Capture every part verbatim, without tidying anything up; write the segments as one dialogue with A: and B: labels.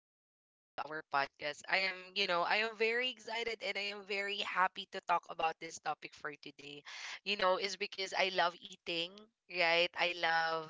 A: back again to our podcast. I am, you know, I am very excited and I am very happy to talk about this topic for today. You know, it's because I love eating, right? I love,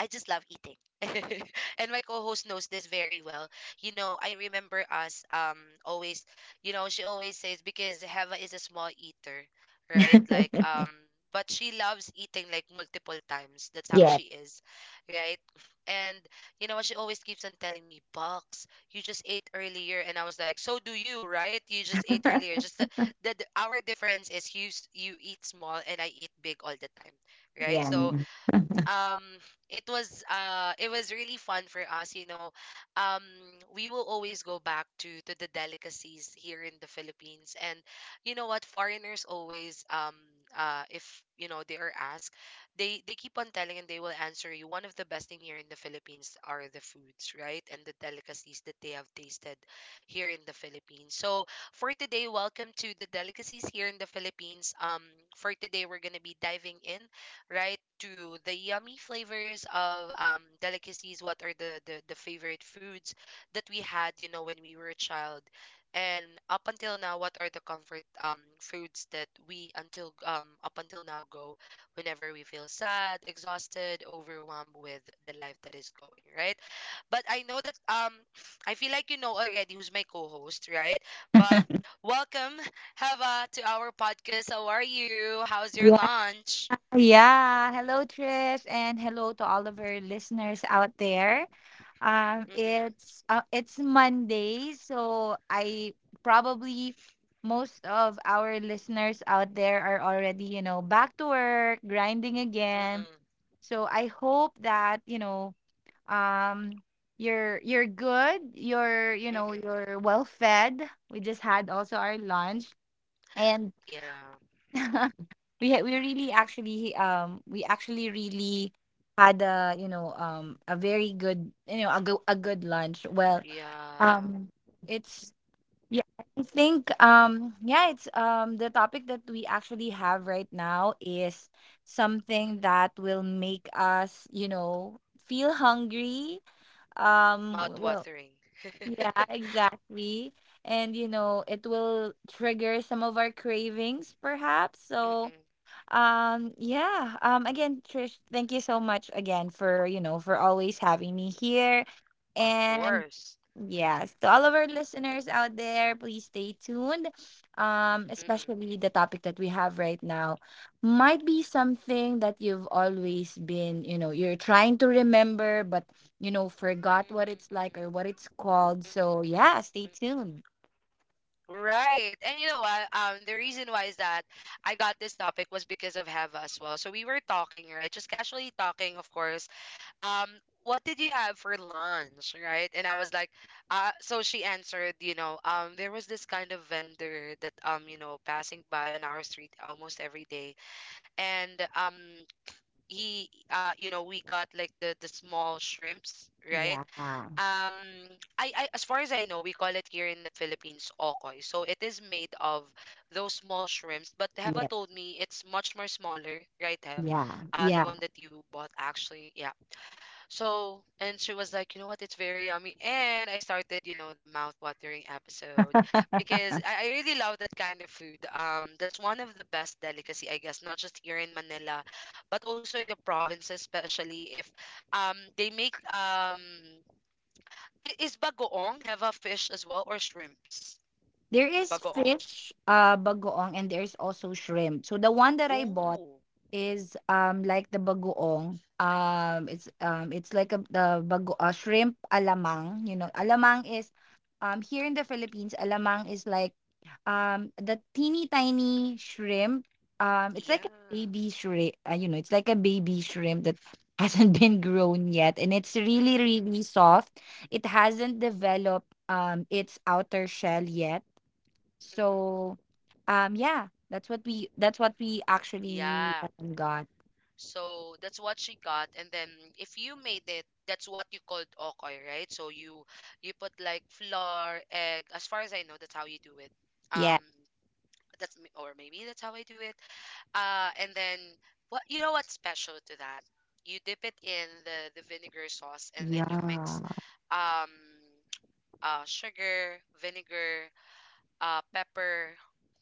A: I just love eating. And my co-host knows this very well. You know, I remember us um always, you know, she always says because Heva is a small eater, right? Like um but she loves eating like multiple times. That's how
B: Yeah,
A: she is, right? And you know what? She always keeps on telling me, Bucks, you just ate earlier. And I was like, so do you, right? You just ate earlier. Just the, the, the our difference is you, s- you eat small and I eat big all the time, right?
B: yeah,
A: So um it was uh it was really fun for us, you know um we will always go back to to the delicacies here in the Philippines. And you know what foreigners always um uh if you know they are asked, they they keep on telling, and they will answer you one of the best thing here in the Philippines are the foods, right? And the delicacies that they have tasted here in the Philippines. So for today, welcome to the delicacies here in the Philippines. Um for today, we're going to be diving in, right? To the yummy flavors of um, delicacies. What are the, the the favorite foods that we had, you know, when we were a child. And up until now, what are the comfort um foods that we until um up until now go, whenever we feel sad, exhausted, overwhelmed with the life that is going, right? But I know that um I feel like you know already who's my co-host, right? But welcome, Hava, to our podcast. How are you? How's your
B: yeah,
A: lunch?
B: yeah. Hello, Trish, and hello to all of our listeners out there. Um,
A: Mm-mm.
B: it's uh, it's Monday, so I probably most of our listeners out there are already, you know, back to work, grinding
A: Mm-mm.
B: again. So I hope that you know, um, you're you're good. You're you know
A: Mm-mm.
B: you're well fed. We just had also our lunch, and
A: Yeah.
B: we ha- we really actually um we actually really had a you know um a very good, you know a go- a good lunch, well.
A: Yeah.
B: Um it's yeah i think um yeah it's um the topic that we actually have right now is something that will make us, you know feel hungry. Um w- well,
A: Mouth-watering.
B: yeah, exactly. And you know it will trigger some of our cravings, perhaps. so
A: Mm-mm.
B: um, yeah. Um, again, Trish, thank you so much again for, you know, for always having me here.
A: Of
B: And
A: course.
B: yes, to all of our listeners out there, please stay tuned. Um,
A: Mm-mm. Mm-mm.
B: especially the topic that we have right now might be something that you've always been, you know, you're trying to remember, but, you know, forgot what it's like or what
A: Mm-mm.
B: it's called.
A: Mm-mm.
B: So, yeah, stay
A: Mm-mm.
B: tuned.
A: Right. And you know what? Um, the reason why is that I got this topic was because of Heva as well. So we were talking, right? Just casually talking, of course. Um, what did you have for lunch, right? And I was like, uh, so she answered, you know, um, there was this kind of vendor that, um, you know, passing by on our street almost every day. And um he uh you know, we got like the the small shrimps, right?
B: Yeah.
A: um I, I as far as I know, we call it here in the Philippines okoy. So it is made of those small shrimps, but
B: Yeah.
A: Heva told me it's much more smaller, right, Hev?
B: Yeah.
A: Uh the
B: Yeah.
A: one that you bought actually, yeah. So, and she was like, you know what, it's very yummy. And I started, you know, the mouth-watering episode, because I, I really love that kind of food. Um, that's one of the best delicacy, I guess, not just here in Manila, but also in the provinces, especially if um they make um i- is bagoong have a fish as well or shrimps?
B: There is
A: Bagoong.
B: fish, uh, bagoong, and there's also shrimp. So the one that I bought
A: Ooh,
B: is um like the bagoong. Um, it's um it's like a the bago uh, shrimp alamang. You know, alamang is, um here in the Philippines, alamang is like, um the teeny tiny shrimp. Um, it's like
A: yeah.
B: a baby shrimp. Uh, you know, it's like a baby shrimp that hasn't been grown yet, and it's really
A: Mm-mm,
B: really soft. It hasn't developed um its outer shell yet,
A: mm-mm.
B: so, um, yeah, that's what we that's what we actually,
A: Yeah.
B: um, got.
A: So that's what she got. And then if you made it, that's what you called okoy, right? So you you put like flour, egg. As far as I know, that's how you do it.
B: Yeah,
A: Um, that's m- or maybe that's how I do it. Uh, and then what, you know, what's special to that? You dip it in the the vinegar sauce, and then you mix
B: yeah,
A: um uh sugar, vinegar, uh, pepper.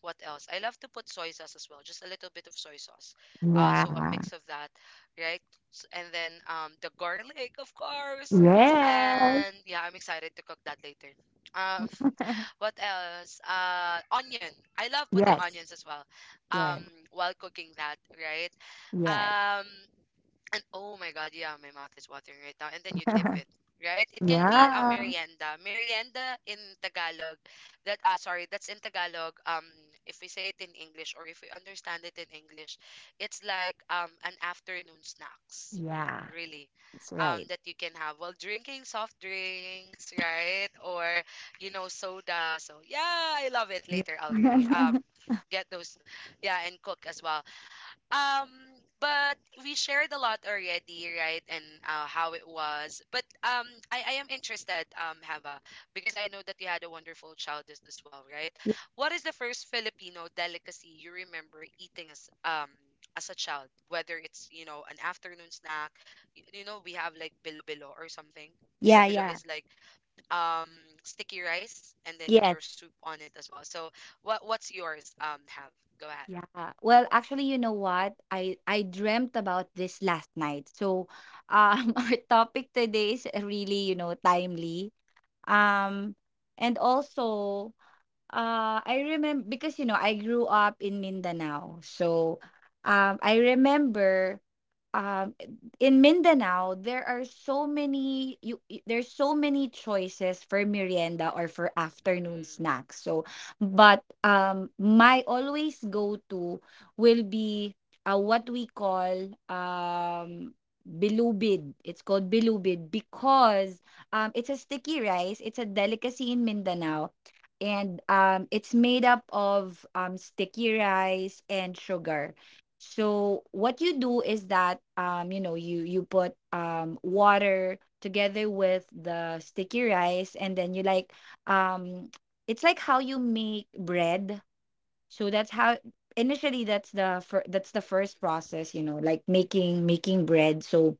A: What else? I love to put soy sauce as well, just a little bit of soy sauce. Uh, so a
B: yeah,
A: mix of that, right? S- And then um, the garlic, of course.
B: yes,
A: And yeah, I'm excited to cook that later. Um, what else? Uh, onion. I love putting
B: yes,
A: onions as well. Um,
B: yes,
A: while cooking that, right?
B: yes,
A: Um, and oh my god, yeah, my mouth is watering right now. And then you dip it, right? It can be a
B: yeah,
A: merienda. Merienda in Tagalog, that uh, sorry, that's in Tagalog. Um, if we say it in English or if we understand it in English, it's like um an afternoon snacks,
B: yeah.
A: really,
B: That's
A: um
B: right.
A: that you can have while drinking soft drinks, right? Or you know, soda. So yeah, I love it.
B: Yeah.
A: Later, I'll really um get those, yeah, and cook as well. Um, but we shared a lot already, right? And uh, how it was. But um, I, I am interested, um, Hava, because I know that you had a wonderful childhood as well, right? What is the first Filipino delicacy you remember eating as um as a child? Whether it's, you know, an afternoon snack. You, you know we have like bilo-bilo or something.
B: Yeah,
A: Bilo-bilo
B: yeah.
A: is like um sticky rice, and then there's
B: Yes.
A: soup on it as well. So what what's yours? Um, Hav, go ahead.
B: Yeah. Well, actually, you know what? I I dreamt about this last night. So, um, our topic today is really, you know, timely. Um, and also, uh, I remember because you know I grew up in Mindanao, so, um, I remember, um, in Mindanao there are so many you y- there's so many choices for merienda or for afternoon
A: Mm-mm.
B: snacks. So, but um, my always go to will be, uh, what we call um bilubid. It's called bilubid because um it's a sticky rice. It's a delicacy in Mindanao, and, um, it's made up of, um, sticky rice and sugar. So what you do is that, um, you know you you put, um, water together with the sticky rice, and then you like um, it's like how you make bread. So that's how, initially, that's the fir- that's the first process, you know, like making making bread. So,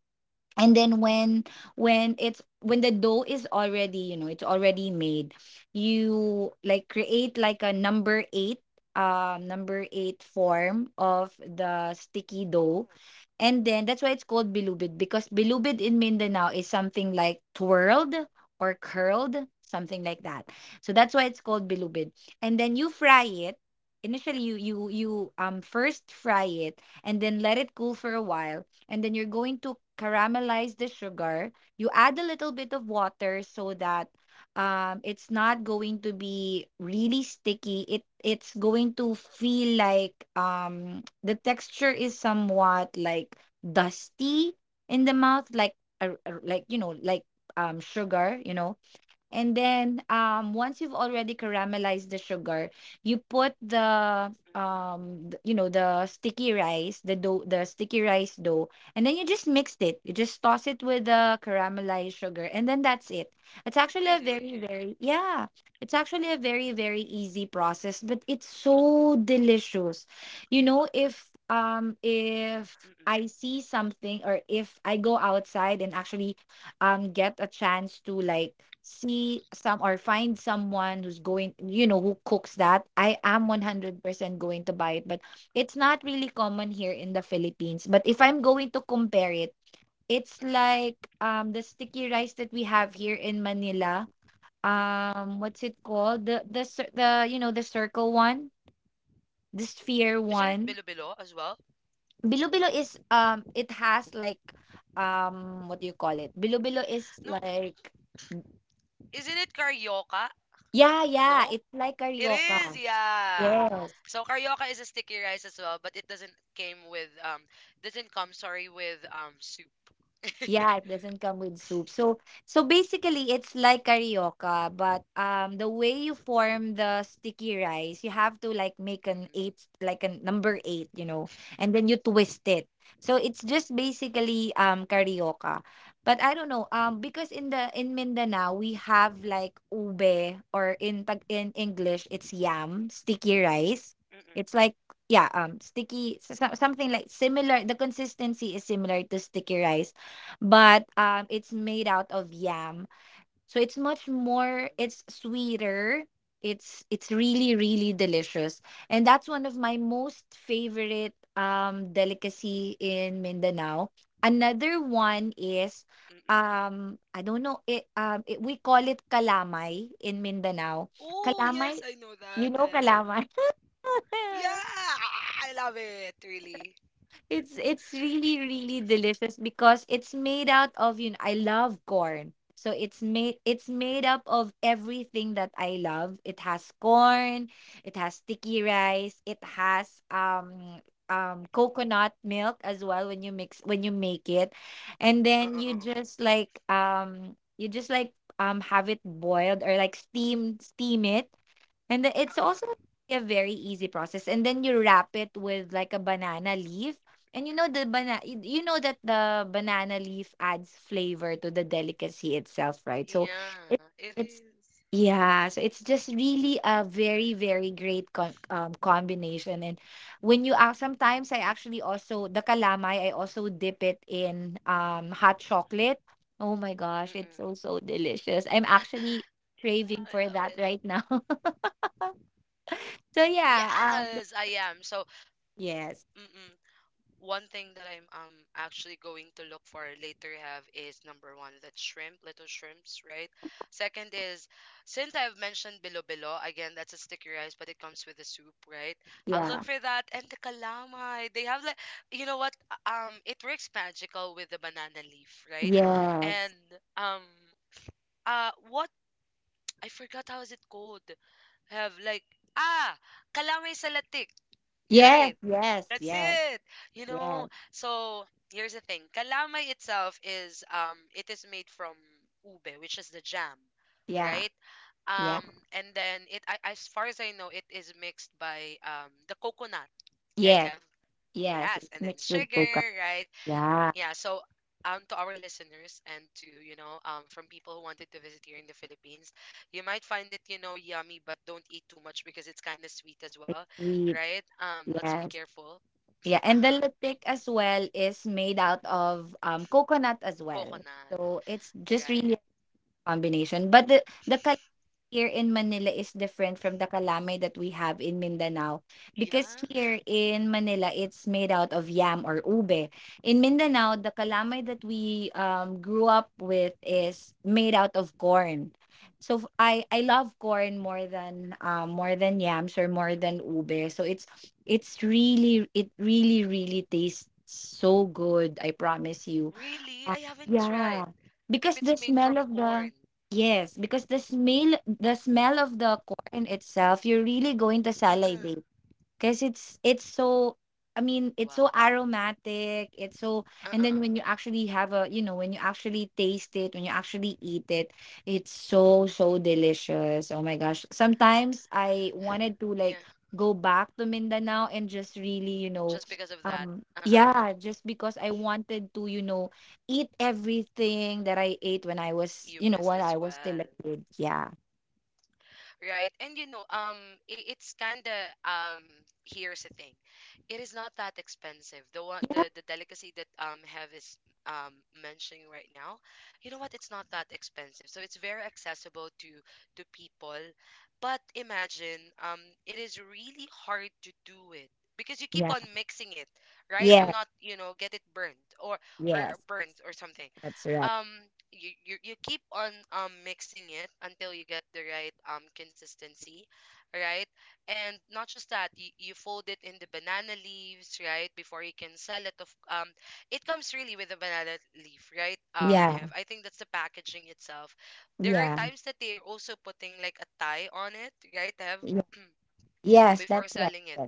B: and then when when it's when the dough is already you know it's already made, you like create like a number eight, um number eight form of the sticky dough. And then that's why it's called bilubid, because bilubid in Mindanao is something like twirled or curled, something like that. So that's why it's called bilubid. And then you fry it. Initially, you you you um first fry it, and then let it cool for a while, and then you're going to caramelize the sugar. You add a little bit of water so that, um, it's not going to be really sticky. It it's going to feel like, um, the texture is somewhat like dusty in the mouth, like a, a- like you know like um sugar, you know And then, um, once you've already caramelized the sugar, you put the
A: Mm-mm.
B: um, th- you know, the sticky rice, the dough, the sticky rice dough, and then you just mixed it. You just toss it with the caramelized sugar, and then that's it. It's actually a very,
A: Really?
B: very yeah, it's actually a very, very easy process, but it's so delicious. You know, if um if I
A: Mm-mm,
B: see something, or if I go outside and actually um get a chance to like see some or find someone who's going you know who cooks that, I am
A: mm-mm,
B: one hundred percent going to buy it. But it's not really common here in the Philippines. But if I'm going to compare it, it's
A: mm-mm,
B: like um the sticky rice that we have here in Manila. Um
A: mm-mm.
B: what's it called? The the cir- the you know the circle one, the sphere
A: Isn't it
B: one.
A: Bilo-Bilo as well?
B: Bilo-bilo is, um it has, like, um what do you call it, bilo-bilo is
A: No,
B: like.
A: isn't it Carioca?
B: Yeah, yeah,
A: No?
B: it's like
A: It is,
B: Carioca.
A: yeah.
B: Yes.
A: So Carioca is a sticky rice as well, but it doesn't came with um doesn't come, sorry, with um soup.
B: Yeah, it doesn't come with soup. So so basically it's like Carioca, but um the way you form the sticky rice, you have to like make an
A: Mm-mm,
B: eight, like a number eight, you know, and then you twist it. So it's just basically um Carioca. But I don't know, um because in the in Mindanao, we have like ube, or in tag in English, it's yam, sticky rice. It's
A: mm-mm,
B: like, yeah, um sticky, so, so- something like similar. The consistency is similar to sticky rice, but um it's made out of yam. So it's much more
A: mm-mm,
B: it's sweeter. It's it's really really delicious, and that's one of my most favorite um delicacy in Mindanao. Another one is,
A: mm-mm.
B: um I don't know it um it, we call it kalamay in Mindanao.
A: Oh, yes,
B: Kalamay,
A: I know
B: you
A: that.
B: know kalamay.
A: Um, yeah, I love it, really.
B: It's it's really really delicious because it's made out of, you know, I love corn. So it's made it's made up of everything that I love. It has corn, it has sticky rice, it has um um coconut milk as well, when you mix when you make it. And
A: Uh,
B: then
A: uh,
B: you
A: uh, uh,
B: just like um you just like um have it boiled, or like steam steam it, and the-
A: uh,
B: it's
A: uh.
B: also
A: uh.
B: a very easy process. And then you wrap it with like a banana leaf. And you know the banana you you know that the banana leaf adds flavor to the delicacy itself, right? So it,
A: Yeah, it
B: it's
A: is.
B: yeah, so it's just really a very very great con- um, combination. And when you ask, sometimes I actually also, the calamay, I also dip it in um hot chocolate. Oh my gosh, it's so
A: Mm-mm.
B: so delicious. I'm actually
A: I
B: craving for
A: love it.
B: that right now. So, yeah, um,
A: Yes, I am. So,
B: yes,
A: mm-mm. One thing that I'm um actually going to look for later, Have, is number one, that shrimp, little shrimps, right? Second is, since I've mentioned bilo-bilo, again, that's a sticky rice, but it comes with a soup, right? I'll look
B: yeah,
A: for that. And the calamay, they have like, you know what? Um, it works magical with the banana leaf, right? And
B: yes,
A: um, uh, what? I forgot how is it called. Have like, ah, calamay salatik.
B: yes,
A: Right.
B: yes, yes,
A: That's
B: yes,
A: it. You know, so here's the thing. Kalamay itself is um it is made from ube, which is the jam,
B: yeah,
A: right?
B: yeah,
A: Um and then it I, as far as I know, it is mixed by um the coconut. Yeah, it
B: yes,
A: have,
B: yes. It's
A: yes, and then
B: mixed with coconut.
A: sugar, right?
B: Yeah,
A: Yeah, so um to our listeners and to, you know, um from people who wanted to visit here in the Philippines, you might find it, you know, yummy, but don't eat too much because it's kind of sweet as well,
B: sweet.
A: right? Um, let's be
B: Yes,
A: careful.
B: yeah, and the
A: Uh-huh.
B: lutik as well is made out of um coconut as well.
A: Coconut,
B: So it's just
A: right.
B: really a combination. But the the here in Manila is different from the kalamay that we have in Mindanao, because
A: Yeah.
B: here in Manila it's made out of yam or ube. In Mindanao, the kalamay that we, um, grew up with is made out of corn. So f- I I love corn more than, um, more than yams or more than ube. So it's it's really it really really tastes so good. I promise you.
A: Really? I
B: Uh,
A: haven't tried.
B: yeah,
A: If
B: because
A: it's
B: the
A: made from
B: smell of
A: corn.
B: the, yes, because the smell the smell of the corn itself, you're really going to
A: Uh-uh.
B: salivate. Because it's it's so, I mean,
A: Wow.
B: it's so aromatic. It's so, and
A: Uh-uh.
B: then,
A: Uh.
B: when you actually have a you know, when you actually taste it, when you actually eat it, it's so so delicious. Oh my gosh. Sometimes I wanted to
A: Yeah.
B: like go back to Mindanao and just really, you know,
A: Just because of that.
B: um
A: Uh-uh.
B: yeah, just because I wanted to, you know, eat everything that I ate when I was,
A: You
B: you know,
A: missed
B: when
A: as
B: I was still a
A: well.
B: kid. Yeah.
A: Right? And you know, um, I it's kind of um. Here's the thing, it is not that expensive. The one,
B: Yeah.
A: the the delicacy that um have is um mentioning right now, you know what? It's not that expensive, so it's very accessible to to people. But imagine, um, it is really hard to do it, because you keep
B: Yeah.
A: on mixing it, right? To
B: Yeah.
A: not, you know, get it burnt or or
B: Yes.
A: burnt or something.
B: That's right.
A: um you, you you keep on um mixing it until you get the right um consistency, right? And not just that, you, you fold it in the banana leaves, right, before you can sell it of um it comes really with a banana leaf, right, um
B: Yeah.
A: have? I think that's the packaging itself. There are
B: Yeah.
A: times that they are also putting like a tie on it, right, Have?
B: Yeah. Yes,
A: Before
B: that's right.
A: selling it.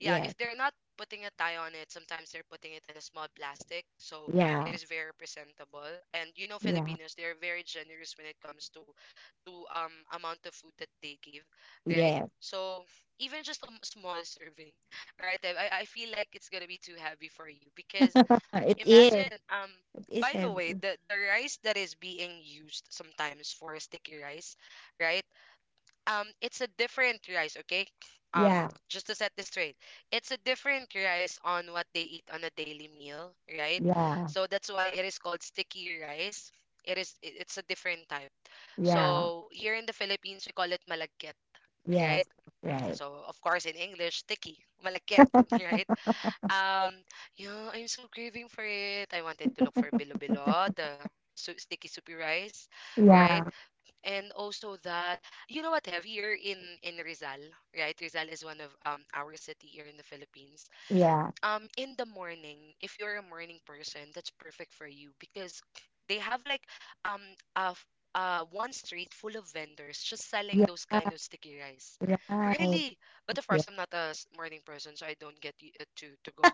A: Yeah,
B: Yes.
A: if they're not putting a tie on it, sometimes they're putting it in a small plastic, so
B: Yes.
A: it
B: Yeah.
A: is very presentable. And you know, Filipinos, they're very generous when it comes to to um amount of food that they give,
B: Yeah.
A: right?
B: Yeah.
A: So even just a m- small serving, right? I I I feel like it's gonna be too heavy for you because
B: it is.
A: imagine um.
B: It is
A: By the way,
B: heavy.
A: the, the rice that is being used sometimes for sticky rice, right? um it's a different rice, okay? um
B: Yeah.
A: just to set this straight, it's a different rice on what they eat on a daily meal, right?
B: Yeah.
A: So that's why it is called sticky rice. It is i- it's a different type.
B: Yeah.
A: So here in the Philippines, we call it malagkit, right?
B: Yes. Right.
A: So of course, in English, sticky, malagkit. Right. Um, yeah, I'm so craving for it. I wanted to look for bilo bilo, the su- sticky soupy rice, right?
B: Yeah.
A: And also that, you know what, Have, here in in Rizal, right? Rizal is one of um our city here in the Philippines.
B: Yeah.
A: Um, in the morning, if you're a morning person, that's perfect for you, because they have like um a f- uh, one street full of vendors just selling those
B: Yeah.
A: kind of sticky rice.
B: Right.
A: Really. But of
B: Yeah.
A: course, I'm not a s- morning person, so I don't get y- uh, to to go.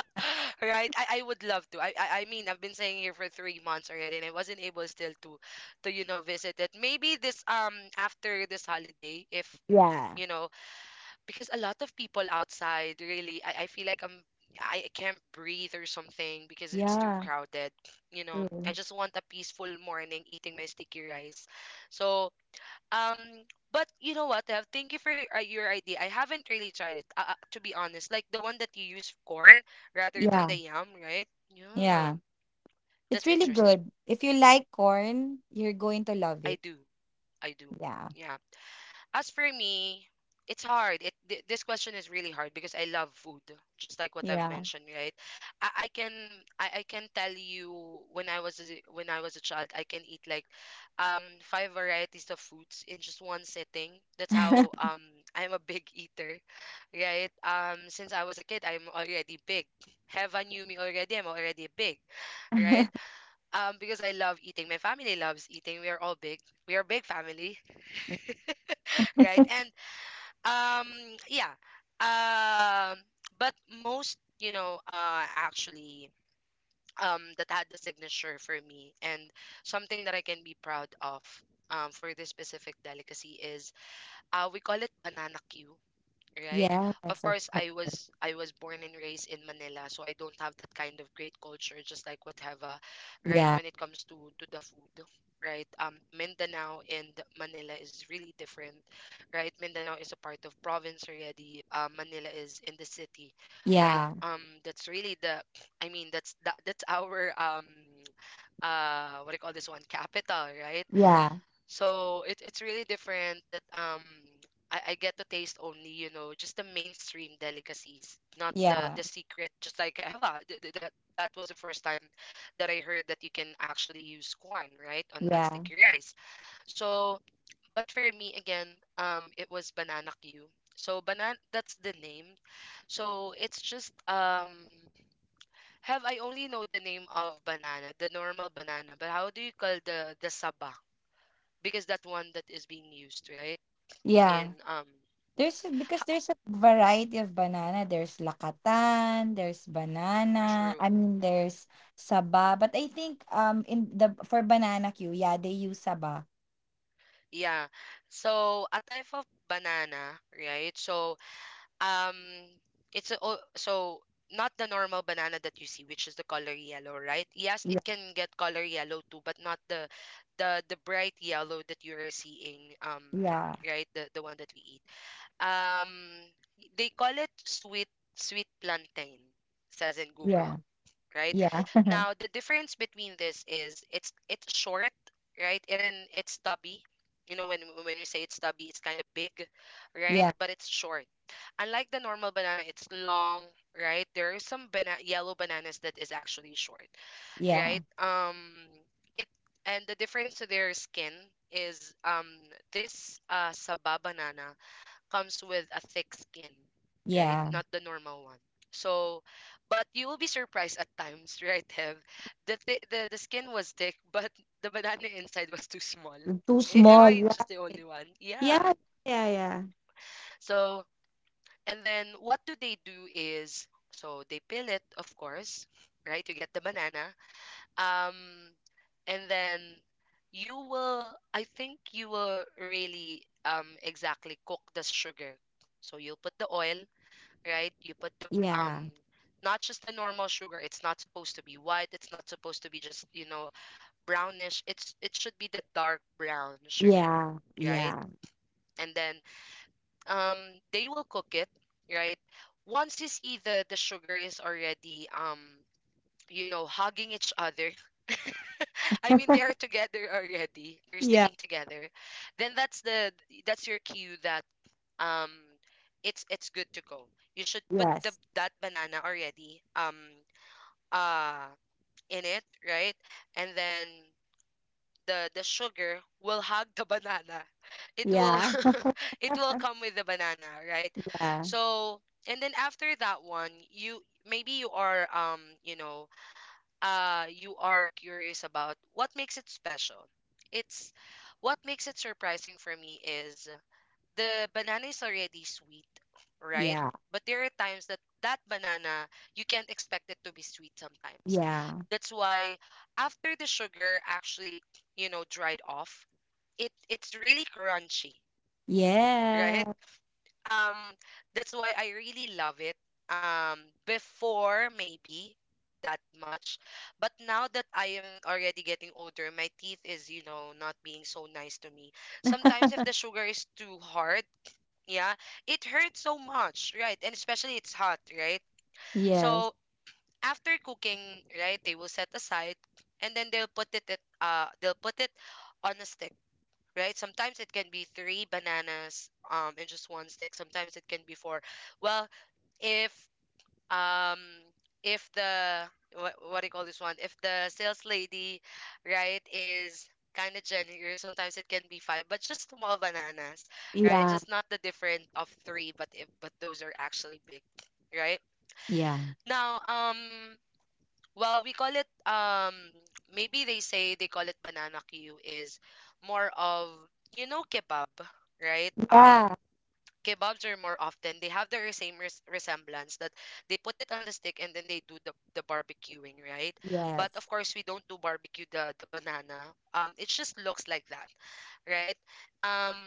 A: Right? I, I would love to. I, I I mean, I've been staying here for three months already, and I wasn't able still to to, you know, visit it. Maybe this um after this holiday, if
B: Yeah.
A: you know, because a lot of people outside, really, I, I feel like I'm I can't breathe or something because it's too
B: Yeah.
A: crowded. You know,
B: True.
A: I just want a peaceful morning eating my sticky rice. So um, but you know what, Tev? Thank you for your, uh, your idea. I haven't really tried it, uh, uh, to be honest. Like the one that you use corn rather than the
B: Yeah.
A: yam, right? Yeah,
B: Yeah. It's
A: that's
B: really
A: interesting.
B: good. If you like corn, you're going to love
A: I
B: it.
A: do, I do.
B: Yeah.
A: Yeah. As for me, it's hard. It th- this question is really hard because I love food, just like what I've
B: Yeah.
A: mentioned, right? I, I can I, I can tell you, when I was a, when I was a child, I can eat like um five varieties of foods in just one sitting. That's how um I'm a big eater, right? Um, since I was a kid, I'm already big. Heaven knew me already. I'm already big, right? Um, because I love eating. My family loves eating. We are all big. We are a big family, right? And um, yeah. Um, but most, you know, uh, actually, um, that had the signature for me and something that I can be proud of, um, for this specific delicacy is, uh, we call it banana Q, right? Of
B: yes, of
A: course,
B: course.
A: I was I was born and raised in Manila, so I don't have that kind of great culture, just like what Heva, right?
B: Yeah.
A: When it comes to to the food, right? Um, Mindanao and Manila is really different, right? Mindanao is a part of province already. Uh, Manila is in the city, right?
B: Yeah.
A: Um, that's really the, I mean, that's that, that's our um, uh, what do you call this one? Capital, right?
B: Yeah.
A: So it, it's really different that um I, I get to taste only, you know, just the mainstream delicacies, not the
B: Yeah,
A: the secret, just like Eva. Th- th- That that was the first time that I heard that you can actually use corn, right, on that
B: yeah,
A: sticky rice. So, but for me again, um it was banana Q. So banana, that's the name. So it's just um have, I only know the name of banana, the normal banana, but how do you call the the saba? Because that's one that is being used, right?
B: yeah.
A: In um
B: There's a- because
A: ha-
B: there's a variety of banana. There's lakatan, there's banana.
A: true.
B: I mean, there's saba. But I think, um in the, for banana queue, yeah, they use saba.
A: Yeah. So a type of banana, right? So um it's a, o- so not the normal banana that you see, which is the color yellow, right? Yes,
B: Yeah,
A: it can get color yellow too, but not the the the bright yellow that you are seeing, um
B: yeah,
A: right, the the one that we eat. Um they call it sweet sweet plantain, says in Google, right?
B: yeah, yeah,
A: Now the difference between this is, it's it's short, right? It, in, it's stubby. You know, when when we say it's stubby, it's kind of big, right?
B: yeah,
A: But it's short. Unlike the normal banana, it's long, right? There are some bana- yellow bananas that is actually short,
B: yeah,
A: right? Um, it and the difference to their skin is, um this uh saba banana comes with a thick skin, right?
B: yeah.
A: Not the normal one. So, but you will be surprised at times, right, Hev? The th- the the skin was thick, but the banana inside was too small.
B: Too
A: A- am
B: small.
A: I
B: Yeah,
A: just the only one? Yeah.
B: yeah, yeah,
A: So, and then what do they do is, so they peel it, of course, right? You get the banana. Um, and then you will, I think you will really um exactly cook the sugar. So you'll put the oil, right? You put the um
B: yeah,
A: not just the normal sugar. It's not supposed to be white. It's not supposed to be just, you know, brownish. It's it should be the dark brown sugar,
B: yeah,
A: right?
B: yeah,
A: And then um they will cook it, right? Once you see the the sugar is already, um you know, hugging each other, I mean, they are together already, they're
B: yeah, yeah.
A: sticking together. Then that's the, that's your cue that, um it's it's good to go. You should put the
B: Yes.
A: that banana already, um uh in it, right? And then the the sugar will hug the banana. It will
B: Yeah,
A: it will come with the banana, right?
B: yeah,
A: So, and then after that one, you, maybe you are, um you know, uh you are curious about what makes it special. It's, what makes it surprising for me is, the banana is already sweet, right?
B: yeah,
A: But there are times that that banana, you can't expect it to be sweet sometimes.
B: yeah,
A: That's why, after the sugar actually, you know, dried off, it it's really crunchy,
B: yeah.
A: right? Um, that's why I really love it. Um, Before, maybe that much, but now that I am already getting older, my teeth is, you know, not being so nice to me. Sometimes if the sugar is too hard, yeah, it hurts so much, right? And especially it's hot, right?
B: Yes.
A: So after cooking, right, they will set aside, and then they'll put it at, uh they'll put it on a stick, right? Sometimes it can be three bananas um in just one stick. Sometimes it can be four. Well, if um if the, what, what do you call this one, if the sales lady, right, is kind of generous, sometimes it can be five, but just small bananas, right,
B: Yeah.
A: just not the different of three, but if, but those are actually big, right?
B: Yeah.
A: Now um well we call it um maybe they say, they call it banana queue is more of, you know, kebab, right? um
B: Yeah.
A: kebabs are more often, they have the same res- resemblance that, they put it on the stick and then they do the, the barbecuing, right? But
B: Yes.
A: of course we don't do barbecue the the banana, um it just looks like that, right? um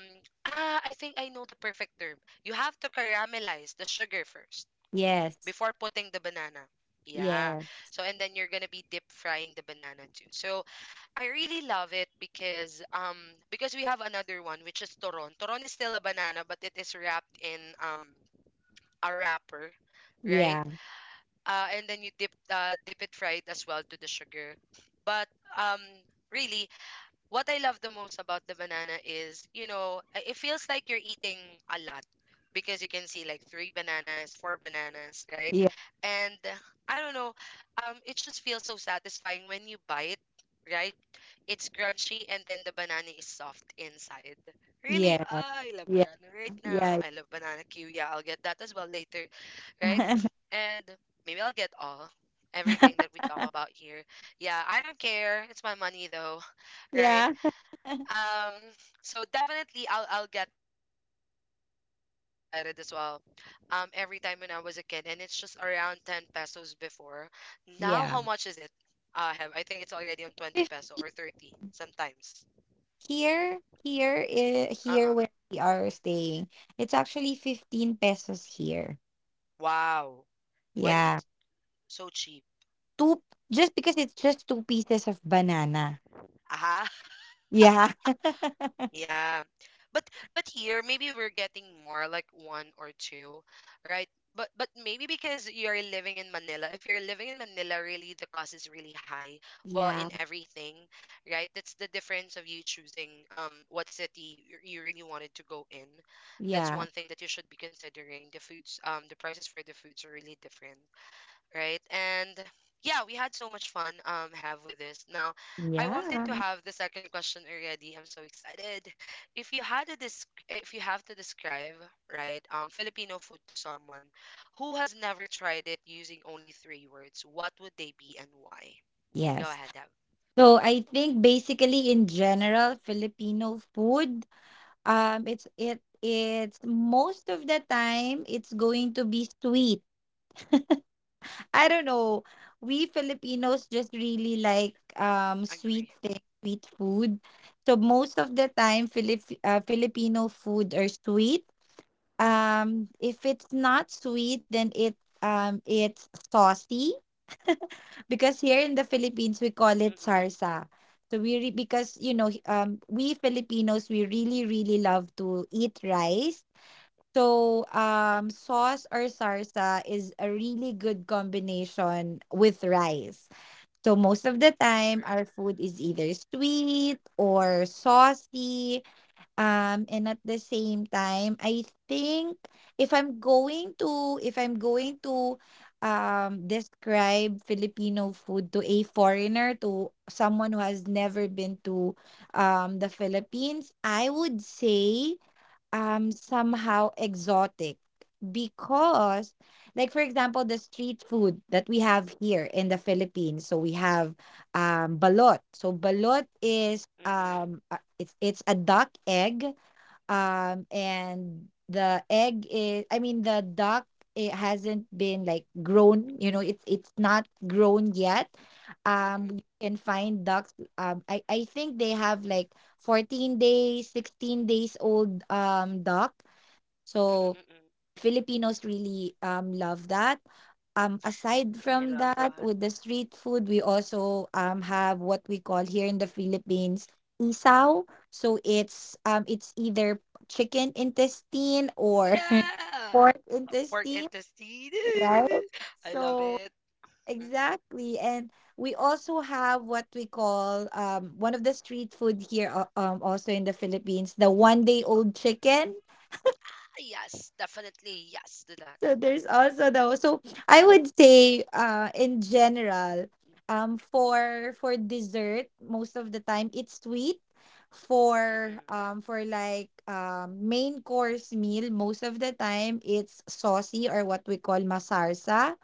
A: ah, I think I know the perfect term. You have to caramelize the sugar first,
B: Yes.
A: before putting the banana. Yeah.
B: Yes.
A: So, and then you're gonna be deep frying the banana too. So I really love it, because um because we have another one, which is Toron. Toron is still a banana, but it is wrapped in um a wrapper, right? Uh, and then you dip uh, dip it, fried as well to the sugar. But um really, what I love the most about the banana is, you know, i- it feels like you're eating a lot, because you can see like three bananas, four bananas, right?
B: Yeah.
A: And uh, I don't know, um, it just feels so satisfying when you bite, right? It's crunchy, and then the banana is soft inside. Really,
B: Yeah. Yeah.
A: ah, I love
B: Yeah.
A: banana right
B: Yeah.
A: now.
B: Yeah.
A: I love banana Q. Yeah, I'll get that as well later, right? And maybe I'll get all, everything that we talk about here. Yeah, I don't care. It's my money though, right?
B: Yeah.
A: Um, so definitely I'll I'll get that. Um, because I am so excited as well. Um, every time, when I was a kid, and it's just around ten pesos before. Now
B: Yeah.
A: how much is it? Uh, have, I think it's already on twenty
B: Fif-
A: peso or thirty sometimes.
B: Here, here, i- here
A: Uh-uh.
B: where we are staying, it's actually fifteen pesos here.
A: Wow. Why is
B: Yeah.
A: it so cheap?
B: Two, just because it's just two pieces of banana.
A: Aha.
B: Yeah.
A: Yeah. But but here, maybe we're getting more, like one or two, right? But but maybe because you're living in Manila. If you're living in Manila, really the cost is really high. Well, in
B: Yeah.
A: everything, right? That's the difference of you choosing um what city you you really wanted to go in. That's
B: Yeah.
A: one thing that you should be considering. The foods, um, the prices for the foods are really different, right? And yeah, we had so much fun um have with this. Now, I wanted to
B: Yeah.
A: have the second question already. I'm so excited. If you had to dis- If you have to describe, right, um Filipino food to someone who has never tried it, using only three words, what would they be, and why? Go
B: Yes.
A: ahead, Deb.
B: So I think basically, in general, Filipino food. Um, it's it it's most of the time it's going to be sweet. I don't know. We Filipinos just really like um sweet
A: Agree.
B: things, sweet food. So most of the time, Filip uh, Filipino food are sweet. Um, if it's not sweet, then it um it's saucy, because here in the Philippines we call it
A: Mm-mm,
B: sarsa. So we re- because you know h- um we Filipinos we really really love to eat rice. So,
A: mm-mm,
B: um, sauce or sarsa is a really good combination with rice. So, most of the
A: for
B: time,
A: sure.
B: our food is either sweet or saucy. Um, and at the same time, I think if I'm going to, if I'm going to, um, describe Filipino food to a foreigner, to someone who has never been to, um, the Philippines, I would say um somehow
A: Mm-mm,
B: exotic. Because, like for example, the street food that we have here in the Philippines, so we have um balot. So balot is
A: mm-mm,
B: um uh, it's it's a duck egg, um and the egg is, I mean, the duck, it hasn't been like grown, you know it's it's not grown yet. Um you
A: mm-mm,
B: can find ducks. Um i i think they have like fourteen days, sixteen days old um duck. So
A: mm-mm, mm-mm.
B: Filipinos really um love that. Um, aside from
A: I love
B: that, with
A: that.
B: the street food, we also um have what we call here in the Philippines, isaw. So it's, um it's either chicken intestine or
A: Yeah!
B: pork
A: Pork
B: intestine,
A: intestine.
B: right?
A: I love
B: So
A: it.
B: exactly, and we also have what we call um one of the street food here, uh, um also in the Philippines, the one day old chicken.
A: Ah, yes, definitely yes to that.
B: So there's also the so I would say, uh in general, um for for dessert most of the time it's sweet, for
A: Mm-mm,
B: um for like um main course meal most of the time it's saucy, or what we call masarsa.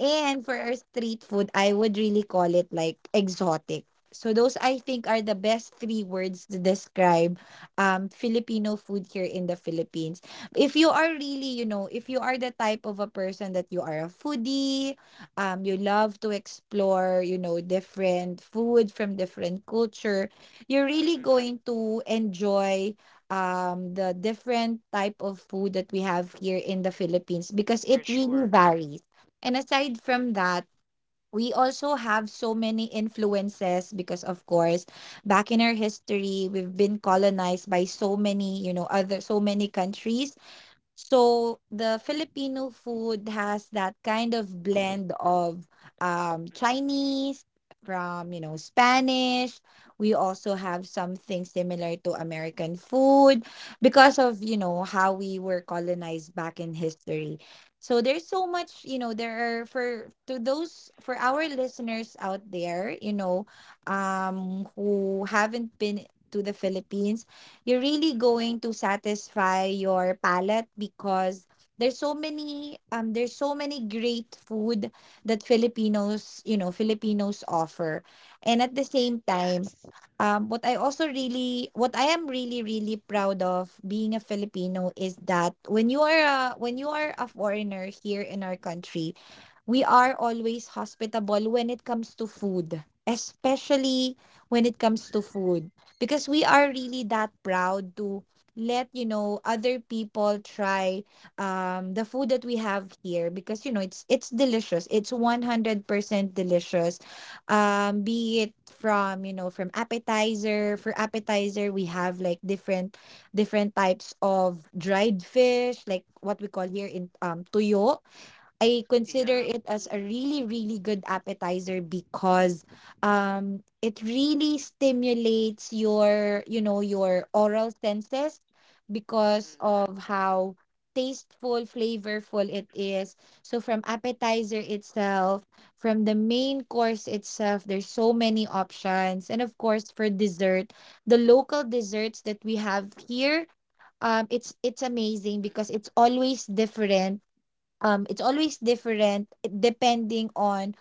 B: And
A: mm-mm,
B: for our street food, I would really call it like exotic. So those, I think, are the best three words to describe um Filipino food here in the Philippines. If you are really, you know, if you are the type of a person that you are a foodie, um you love to explore, you know, different food from different culture, you're really
A: mm-mm,
B: going to enjoy um the different type of food that we have here in the Philippines, because it
A: for
B: really
A: sure.
B: varies. And aside from that, we also have so many influences because, of course, back in our history, we've been colonized by so many, you know, other so many countries. So the Filipino food has that kind of blend of, um,
A: Mm-mm,
B: Chinese, from you know Spanish. We also have something similar to American food because of, you
A: mm-mm,
B: know how we were colonized back in history. So there's so much, you know there are for to those for our listeners out there, you know um who haven't been to the Philippines. You're really going
A: mm-mm,
B: to satisfy your palate because there's so many um there's so many great food that Filipinos, you know, Filipinos offer. And at the same time,
A: yes.
B: um what I also really what I am really really proud of being a Filipino is that, when you are a, when you are a foreigner here in our country, we are always hospitable when it comes to food, especially when it comes to food, because we are really
A: Mm-mm,
B: that proud to let you know other people try um the food that we have here. Because, you know it's it's delicious, it's one hundred percent delicious. Um be it from, you know from appetizer. For appetizer we have like different different types of dried fish, like what we call here in, um tuyo. I consider it
A: yeah.
B: as a really,
A: Mm,
B: really good appetizer because um it really stimulates your, you know, your oral senses, because
A: mm-mm,
B: of how tasteful, flavorful it is. So, from appetizer itself, from the main course itself, there's so many options. And of course, for dessert, the local desserts that we have here, um it's it's amazing because
A: mm-mm,
B: it's always different. Um it's always different depending on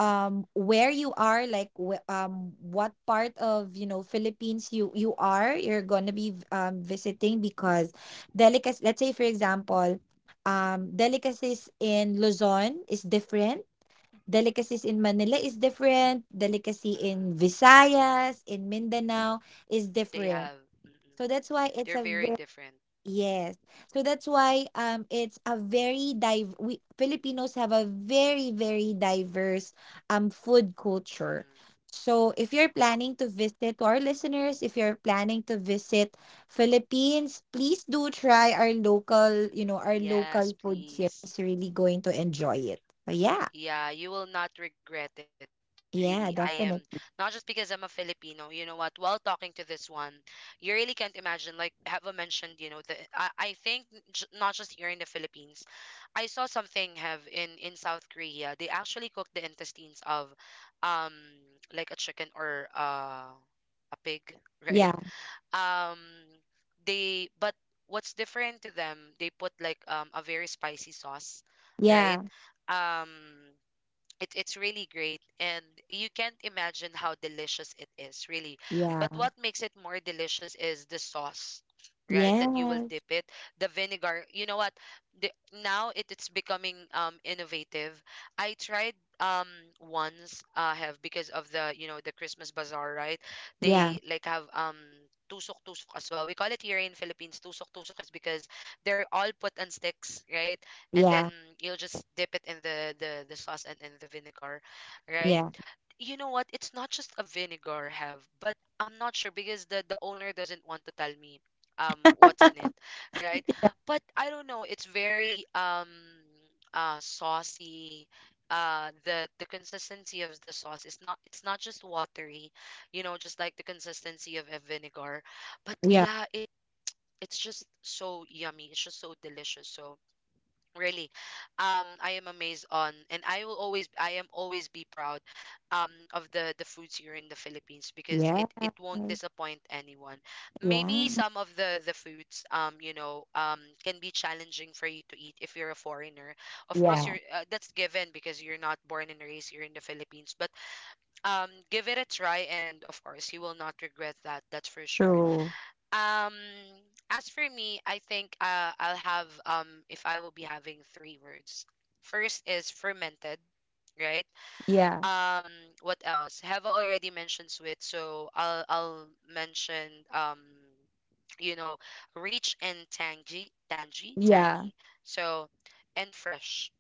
B: um where you are, like wh- um what part of, you know Philippines, you you are, you're gonna be v- um visiting, because delicacies, let's say for example, um delicacies in Luzon is different, delicacies in Manila is different, delicacy in
A: mm-mm.
B: Visayas, in Mindanao, is
A: They
B: different.
A: have.
B: So that's why
A: Mm-mm.
B: it's a
A: They're very different.
B: Yes. So that's why um it's a very dive we Filipinos have a very very diverse um food culture.
A: Mm-mm.
B: So if you're planning to visit to our listeners, if you're planning to visit Philippines, please do try our local, you know, our local
A: Yes,
B: food here. It's
A: please.
B: really going to enjoy it. So yeah.
A: Yeah, you will not regret it, really. I
B: Yeah,
A: am, not
B: definitely.
A: just because I'm a Filipino, you know what? While talking to this one, you really can't imagine, like Heva mentioned, you know, the I, I think, j not just here in the Philippines, I saw something have in in South Korea. They actually cook the intestines of um like a chicken or uh a pig, right?
B: Yeah.
A: Um they, but what's different to them, they put like um a very spicy sauce, right?
B: Yeah.
A: Um it, it's really great, and you can't imagine how delicious it is, really. But
B: Yeah.
A: what makes it more delicious is the sauce, right, that you will
B: Yeah.
A: dip it, the vinegar. You know what the, now it, it's becoming um innovative. I tried um once uh have, because of the, you know, the Christmas bazaar, right?
B: Yeah.
A: They like have um tusok tusok as well. We call it here in Philippines tusok tusok, is because they're all put on sticks, right? And
B: Yeah.
A: then you'll just dip it in the the, the sauce and in the vinegar, right?
B: Yeah.
A: You know what, it's not just a vinegar have, but I'm not sure because the the owner doesn't want to tell me um what's in it, right? But I don't know, it's very um uh saucy. Uh the the consistency of the sauce is not, it's not just watery, you know, just like the consistency of a vinegar. But yeah, it, it's just so yummy, it's just so delicious. So really, um I am amazed on, and i will always i am always be proud um of the the foods here in the Philippines, because
B: Yeah.
A: it it won't
B: Yeah.
A: disappoint anyone.
B: Yeah.
A: Maybe some of the the foods, um you know, um can be challenging for you to eat if you're a foreigner. Of course
B: Yeah.
A: you're uh, that's given, because you're not born and raised here in the Philippines. But um give it a try, and of course you will not regret that, that's for sure.
B: True.
A: um, as for me, I think uh, I'll have um if I will be having three words. First is fermented, right?
B: Yeah.
A: Um, what else? Have already mentioned sweet, so I'll I'll mention, um, you know, rich and tangy, tangy,
B: Yeah.
A: tangy. So, and fresh.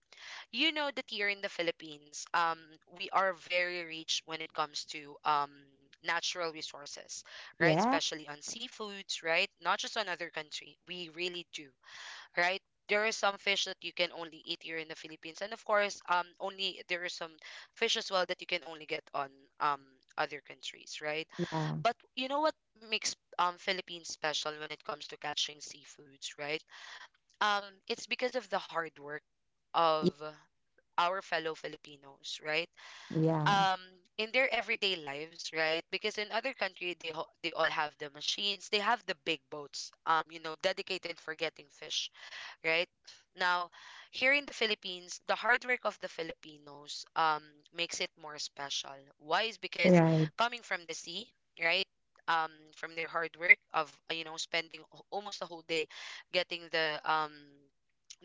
A: You know that here in the Philippines, um, we are very rich when it comes to, um, natural resources, right?
B: Yeah.
A: Especially on seafoods, right? Not just on other country. We really do, right? There are some fish that you can only eat here in the Philippines, and of course, um, only there are some fish as well that you can only get on um other countries, right?
B: Yeah.
A: But you know what makes um Philippines special when it comes to catching seafoods, right? Um, it's because of the hard work
B: Yeah.
A: of our fellow Filipinos, right?
B: Yeah.
A: Um, in their everyday lives, right? Because in other country, they ho- they all have the machines, they have the big boats, um, you know, dedicated for getting fish, right? Now, here in the Philippines, the hard work of the Filipinos, um, makes it more special. Why is because
B: Right.
A: coming from the sea, right? Um, from their hard work of, uh, you know, spending al- almost a whole day getting the um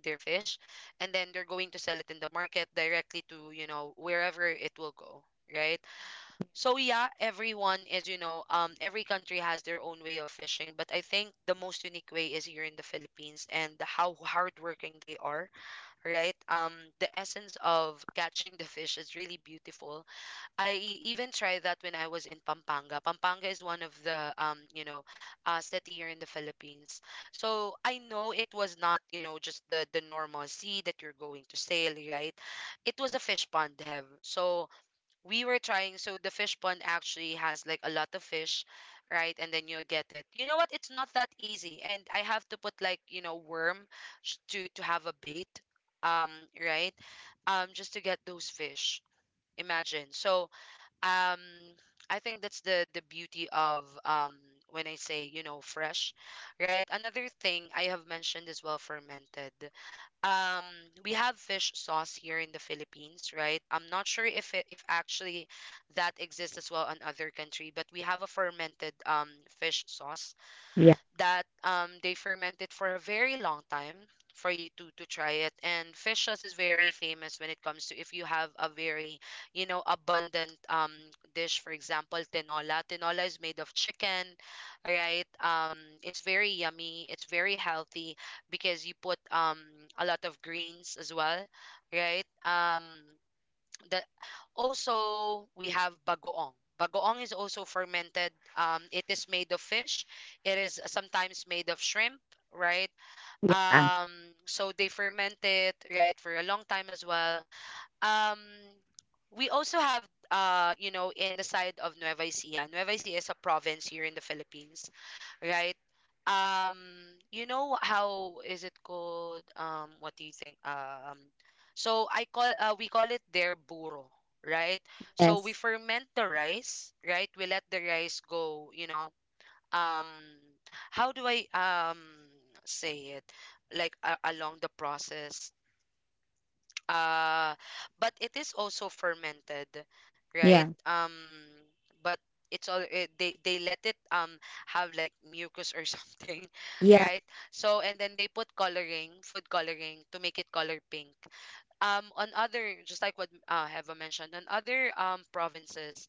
A: their fish, and then they're going to sell it in the market directly to, you know, wherever it will go, right? So yeah, everyone is, you know, um, every country has their own way of fishing, but I think the most unique way is here in the Philippines and how hardworking they are, right? Um, the essence of catching the fish is really beautiful. I e, even tried that when I was in Pampanga. Pampanga is one of the, um, you know, uh, city here in the Philippines. So I know it was not, you know, just the the normal sea that you're going to sail, right? It was a fish pond, have. So we were trying, so the fish pond actually has like a lot of fish, right? And then you get it, you know what, it's not that easy, and I have to put like, you know, worm sh- to to have a bait, um right, um just to get those fish, imagine. So, um I think that's the the beauty of, um when I say, you know, fresh, right? Another thing I have mentioned as well, fermented. um we have fish sauce here in the Philippines, right? I'm not sure if it, if actually that exists as well in other country, but we have a fermented um fish sauce
B: Yeah.
A: that, um, they ferment it for a very long time for you to to try it. And fish sauce is very famous when it comes to, if you have a very, you know, abundant um dish. For example, tinola. Tinola is made of chicken, right? um it's very yummy, it's very healthy, because you put um a lot of greens as well, right? um that, also we have bagoong. Bagoong is also fermented. Um, it is made of fish. It is sometimes made of shrimp, right?
B: Yeah.
A: Um, so they ferment it, right, for a long time as well. um we also have, uh you know, in the side of Nueva Ecija. Nueva Ecija is a province here in the Philippines, right? Um you know how is it called, um what do you think, um so I call, uh, we call it their burro, right? So we
B: Yes.
A: ferment the rice, right? We let the rice go, you know. Um how do I um say it, like, uh, along the process, uh but it is also fermented, right?
B: Yeah.
A: um but it's all it, they they let it um have like mucus or something,
B: Yeah.
A: right? So, and then they put coloring, food coloring, to make it color pink. um on other, just like what, uh, Heva mentioned, on other um provinces,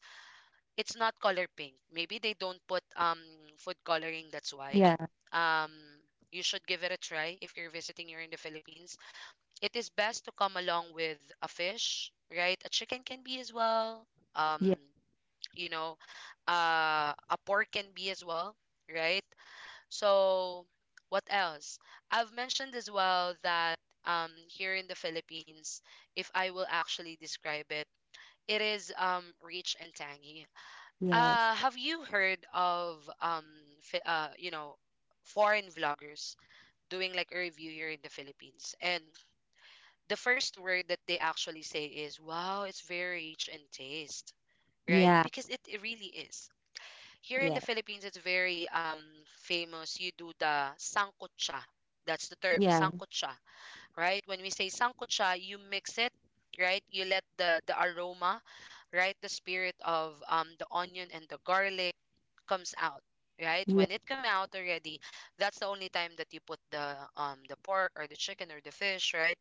A: it's not color pink. Maybe they don't put um food coloring, that's why.
B: Yeah.
A: um you should give it a try if you're visiting here in the Philippines. It is best to come along with a fish, right? A chicken can be as well. Um,
B: Yeah.
A: you know, uh, a pork can be as well, right? So, what else? I've mentioned as well that, um, here in the Philippines, if I will actually describe it, it is, um, rich and tangy.
B: Yes.
A: Uh, have you heard of, um, fi- uh, you know, foreign vloggers doing like a review here in the Philippines? And the first word that they actually say is, wow, it's very rich in taste, right?
B: Yeah.
A: Because it, it really is. Here in the
B: Yeah.
A: Philippines, it's very, um, famous. You do the sangkutsa. That's the term,
B: Yeah.
A: sangkutsa, right? When we say sangkutsa, you mix it, right? You let the, the aroma, right? The spirit of, um, the onion and the garlic comes out. Right
B: Yeah.
A: when it come out already, that's the only time that you put the um the pork or the chicken or the fish, right?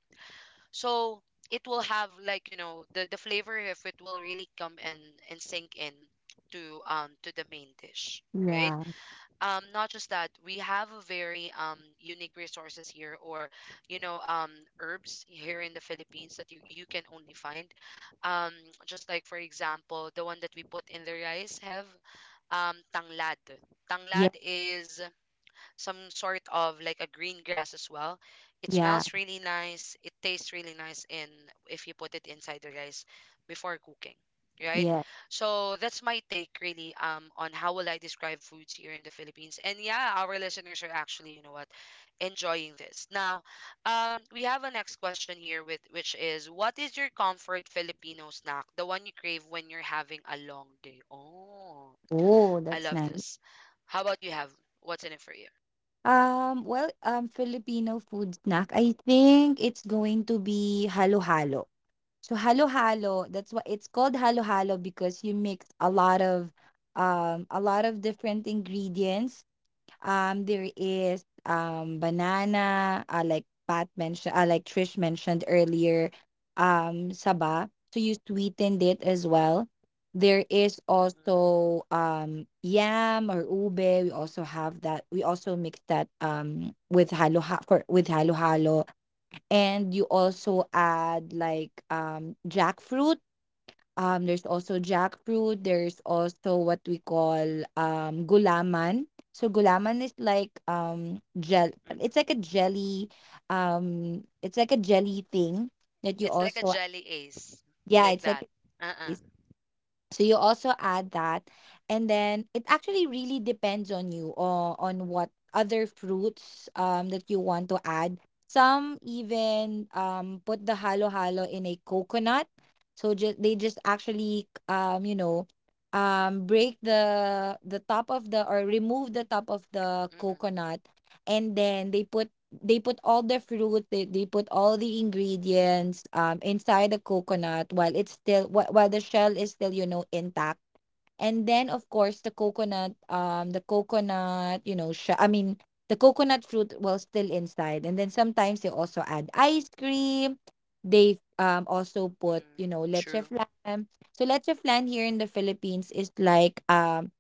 A: So it will have like, you know, the the flavor, if it will really come and and sink in to, um to the main dish, right?
B: Yeah.
A: Um, not just that, we have a very um unique resources here, or you know, um herbs here in the Philippines that you you can only find. Um, just like for example, the one that we put in the rice have, um tanglad.
B: Yeah.
A: Tanglad is some sort of like a green grass as well. It
B: Yeah.
A: smells really nice. It tastes really nice in, if you put it inside the rice before cooking, right?
B: Yeah.
A: So that's my take, really, um on how will I describe foods here in the Philippines. And yeah, our listeners are actually, you know what, enjoying this. Now, um we have a next question here with, which is, what is your comfort Filipino snack? The one you crave when you're having a long day. Oh,
B: Oh,
A: I
B: that's
A: love
B: nice.
A: this. How about you have, what's in it for you?
B: Um, well, um, Filipino food snack. I think it's going to be halo-halo. So halo-halo, that's why it's called halo-halo, because you mix a lot of um a lot of different ingredients. Um, there is um banana, uh, like Pat mentioned, uh, like Trish mentioned earlier, um, saba. So you sweetened it as well. There is also um yam or ube. We also have that. We also mix that um with halo ha- for with halo halo, and you also add like um jackfruit. Um, there's also jackfruit. There's also what we call um gulaman. So gulaman is like um gel. It's like
A: Mm-mm.
B: a jelly. Um, it's like a jelly thing that you
A: It's like a
B: also.
A: jelly ace,
B: Yeah,
A: like
B: it's like,
A: that. Uh-uh.
B: so you also add that, and then it actually really depends on you, or on what other fruits um that you want to add. Some even um put the halo halo in a coconut. So, just they just actually, um you know um break the the top of the, or remove the top of the
A: Mm-mm.
B: coconut, and then they put, they put all the fruit they, they put all the ingredients um inside the coconut while it's still while, while the shell is still, you know intact. And then, of course, the coconut, um the coconut you know sh- I mean, the coconut fruit was still inside. And then sometimes they also add ice cream. They um also put, you
A: Mm,
B: know leche
A: true.
B: flan. So leche flan here in the Philippines is like um.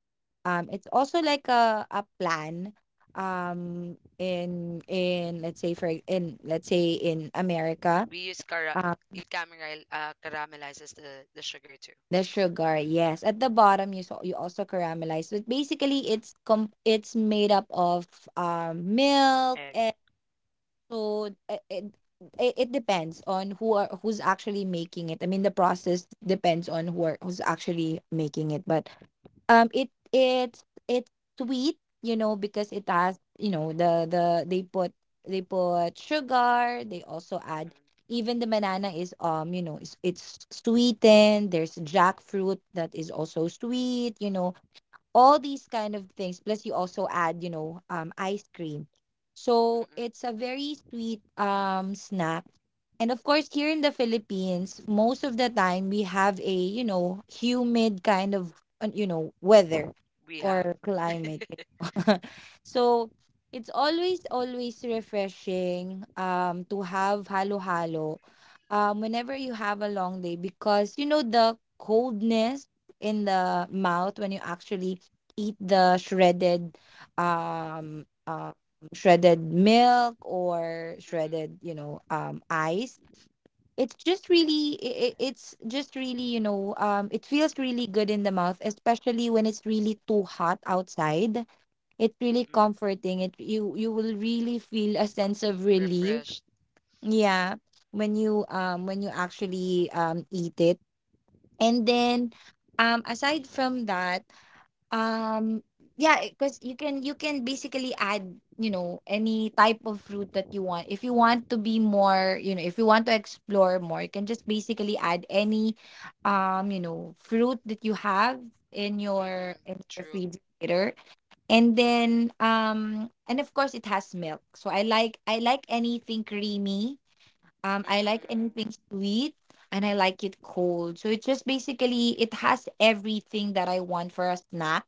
B: Um, it's also like a a plan, um in in let's say for in let's say, in America.
A: We use cara.
B: Um,
A: It caramel, uh, caramelizes the the sugar too.
B: the sugar, yes. At the bottom, you so you also caramelize. But basically it's, com it's made up of um milk
A: Egg.
B: and, so it, it it it depends on, who are who's actually making it. I mean, the process depends on, who are, who's actually making it. But um it it's it's sweet, you know because it has, you know the the they put they put sugar, they also add,
A: Mm-mm.
B: even the banana is um you know it's, it's sweetened, there's jackfruit that is also sweet, you know all these kind of things. Plus you also add, you know um ice cream. So
A: Mm-mm.
B: it's a very sweet um snack. And of course here in the Philippines, most of the time we have a, you know humid kind of, uh, you know weather
A: We have.
B: or climate. So it's always, always refreshing um to have halo halo um whenever you have a long day, because, you know the coldness in the mouth when you actually eat the shredded, um uh, shredded milk or
A: Mm-mm.
B: shredded, you know um ice. It's just really, it, it's just really you know um it feels really good in the mouth, especially when it's really too hot outside. It's really
A: Mm-mm.
B: comforting. It you you will really feel a sense of relief,
A: Refreshed.
B: yeah, when you, um when you actually um eat it. And then, um aside from that, um, yeah, because you can, you can basically add, you know, any type of fruit that you want. If you want to be more, you know, if you want to explore more, you can just basically add any, um, you know, fruit that you have in your
A: Mm-mm.
B: in your
A: True.
B: refrigerator. And then, um and of course it has milk. So I like, I like anything creamy. Um, I like
A: Mm-mm.
B: anything sweet, and I like it cold. So it just basically it has everything that I want for a snack.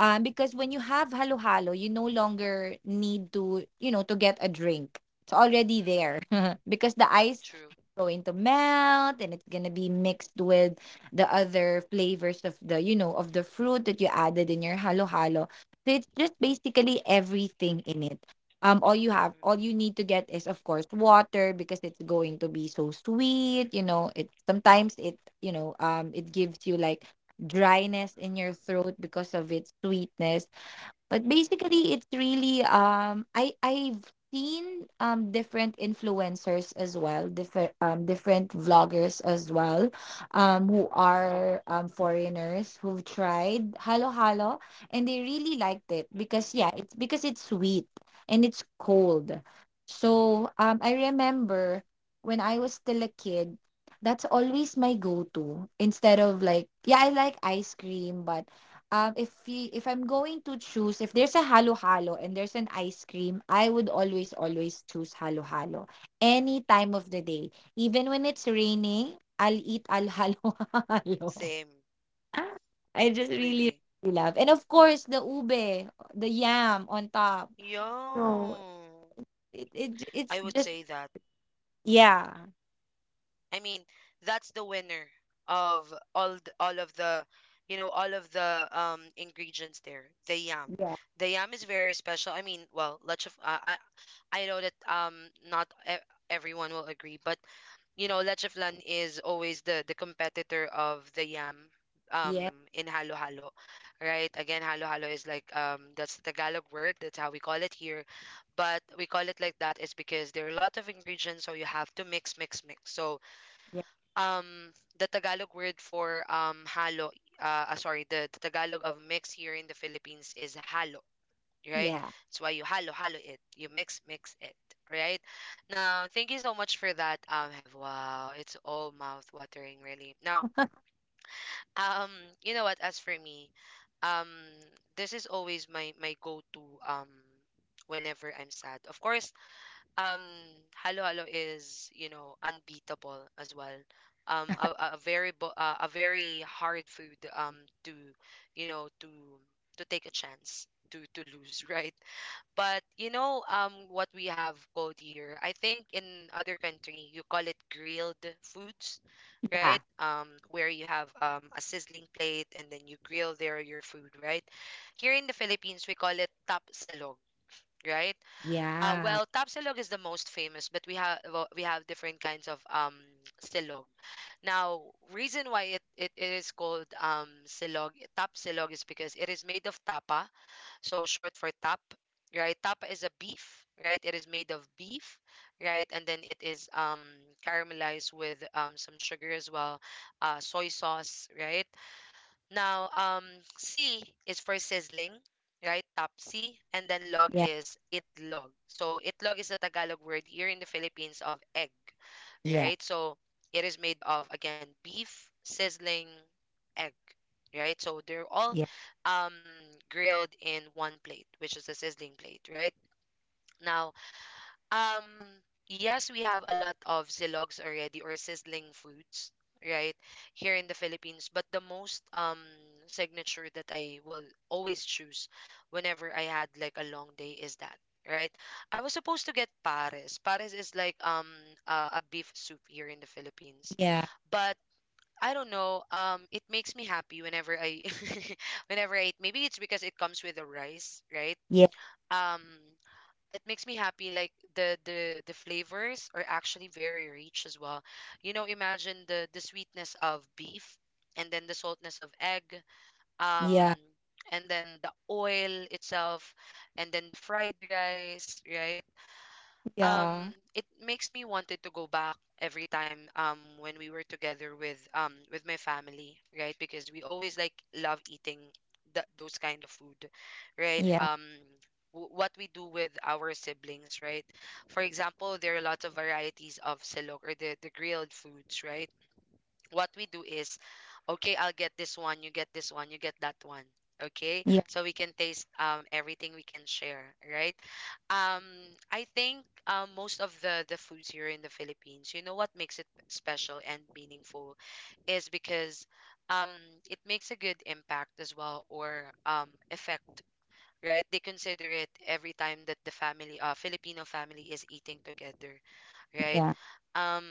B: Um, because when you have halo-halo, you no longer need to, you know, to get a drink. It's already
A: Mm-mm.
B: there because the ice
A: True.
B: going to melt and it's gonna be mixed with the other flavors of the you know of the fruit that you added in your halo halo so it's just basically everything in it. Um all you have, all you
A: Mm-mm.
B: need to get is, of course, water, because it's going to be so sweet. you know it sometimes it you know um it gives you like dryness in your throat, because of its sweetness. But
A: Mm-mm.
B: basically, it's really, um I I've seen um different influencers as well, different, um different vloggers as well, um who
A: Mm-mm.
B: are, um foreigners, who've tried halo halo and they really liked it because,
A: Mm-mm.
B: yeah, it's because it's sweet and it's cold. So um I remember when I was still a kid, that's always my go-to instead of like yeah, I like ice cream, but um, if we, if I'm going to choose, if there's a halo-halo and there's an ice cream, I would always,
A: Mm-mm.
B: always choose halo-halo. Any time of the day. Even when it's raining, I'll eat al halo-halo.
A: Same.
B: I just really,
A: Really.
B: really love. And of course, the ube, the yam on top. So
A: Yo.
B: it, it j- it's
A: I would
B: just
A: say that.
B: yeah.
A: I mean, that's the winner of all th- all of the, you know, all of the um ingredients there. The yam,
B: Yeah.
A: the yam is very special. I mean, well, leche f- uh, I I know that um not e- everyone will agree, but you know, leche flan is always the the competitor of the yam
B: Yeah.
A: um in halo halo. Right, again, halo halo is like, um that's the Tagalog word, that's how we call it here, but we call it like that is because there are a lot of ingredients, so you have to mix mix mix. So
B: Yeah.
A: um the Tagalog word for um halo uh ah, sorry the, the Tagalog of mix here in the Philippines is halo, right?
B: Yeah.
A: That's why you halo halo it, you mix mix it, right? Now, thank you so much for that, um, Have. Wow, it's all mouth watering really. Now, um you know what, as for me, um this is always my my go-to um whenever I'm sad. Of course, um Halo Halo is, you know, unbeatable as well. Um a, a a very bo- uh, a very hard food, um to, you know, to to take a chance to to lose right? But you know, um what we have called here, I think in other country you call it grilled foods, right? Um where you have um a sizzling plate and then you grill there your food, right? Here in the Philippines we call it tap silog, right? uh,
B: Yeah.
A: well, Tapsilog is the most famous, but we have, well, we have different kinds of um silog. Now, reason why it, it is called um silog, Tapsilog, is because it is made of tapa, so short for tap, right? Tapa is a beef, right? It is made of beef, right? And then it is um caramelized with um some sugar as well, uh, soy sauce, right? Now, um, C is for sizzling, right? Topsy. And then log
B: Yeah.
A: is itlog. So itlog is the Tagalog word here in the Philippines of egg,
B: Yeah.
A: right? So it is made of, again, beef, sizzling, egg, right? So they're all um, grilled in one plate, which is the sizzling plate, right? Now, um, yes, we have a lot of silogs already, or sizzling foods, right, here in the Philippines. But the most um signature that I will always choose whenever I had like a long day is that, right? I was supposed to get pares. Pares is like um uh, a beef soup here in the Philippines,
B: Yeah. Yeah.
A: but I don't know. Um, it makes me happy whenever I, whenever I eat. Maybe it's because it comes with the rice, right?
B: Yeah.
A: Um, it makes me happy, like the the the flavors are actually very rich as well. You know, imagine the the sweetness of beef and then the saltness of egg, um
B: Yeah.
A: and then the oil itself, and then the fried rice, right? um
B: Yeah.
A: it makes me wanted to go back every time um when we were together with um with my family, right? Because we always like love eating th- those kind of food, right?
B: Yeah.
A: Um w- what we do with our siblings, right? For example, there are lots of varieties of silog or the, the grilled foods, right? What we do is okay, I'll get this one, you get this one, you get that one. Okay,
B: Yeah.
A: so we can taste um, everything, we can share, right? Um, i think, um, most of the the foods here in the Philippines, you know what makes it special and meaningful is because, um, it makes a good impact as well, or um, effect, right? They consider it every time that the family, uh, Filipino family is eating together, right?
B: Yeah.
A: Um,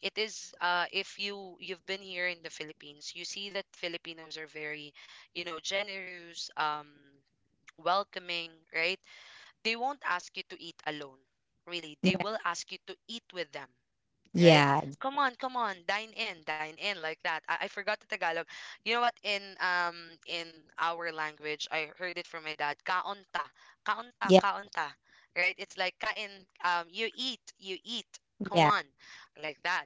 A: it is uh, if you you've been here in the Philippines, you see that Filipinos are very, you know, generous, um, welcoming, right? They won't ask you to eat alone. Really, they
B: Yeah.
A: will ask you to eat with them, right?
B: Yeah.
A: Come on, come on, dine in, dine in, like that. I, I forgot the Tagalog. You know what? In um in our language, I heard it from my dad. Kaunta, kaunta,
B: Yeah.
A: kaunta, right? It's like kain. Um, you eat, you eat. Come
B: Yeah.
A: on, like that.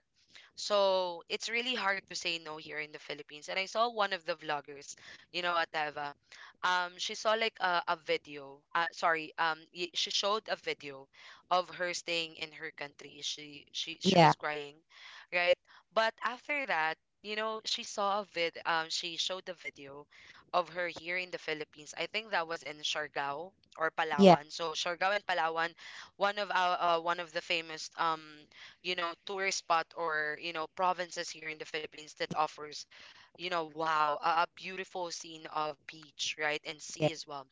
A: So it's really hard to say no here in the Philippines. And I saw one of the vloggers, you know what, Eva? Um, she saw like a, a video. Uh, sorry, um, y- she showed a video of her staying in her country. She she she was
B: Yeah.
A: crying, right? But after that, you know, she saw a vid. Um, she showed the video of her here in the Philippines. I think that was in Siargao or
B: Yeah.
A: Palawan. So Siargao and Palawan, one of our uh, one of the famous um you know, tourist spot, or you know, provinces here in the Philippines, that offers, you know, wow, a, a beautiful scene of beach, right, and
B: Yeah.
A: sea as well.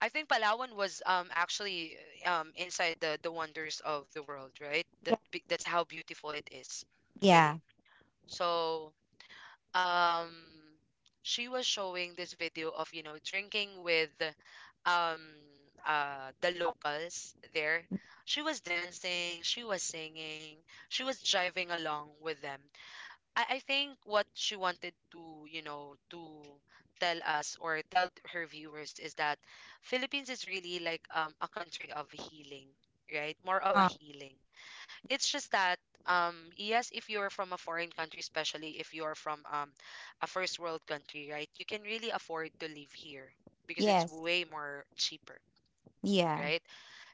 A: I think Palawan was um actually uh, um inside the the wonders of the world, right?
B: Yeah.
A: That, be- that's how beautiful it is,
B: Yeah.
A: really. So um she was showing this video of, you know, drinking with um uh the locals there. She was dancing, she was singing, she was driving along with them. I, I think what she wanted to, you know, to tell us or tell her viewers, is that Philippines is really like, um, a country of healing, right? More of a
B: Uh,
A: healing. It's just that, um yes, if you're from a foreign country, especially if you're from um a first world country, right, you can really afford to live here because it's
B: yes.
A: way more cheaper,
B: Yeah.
A: right?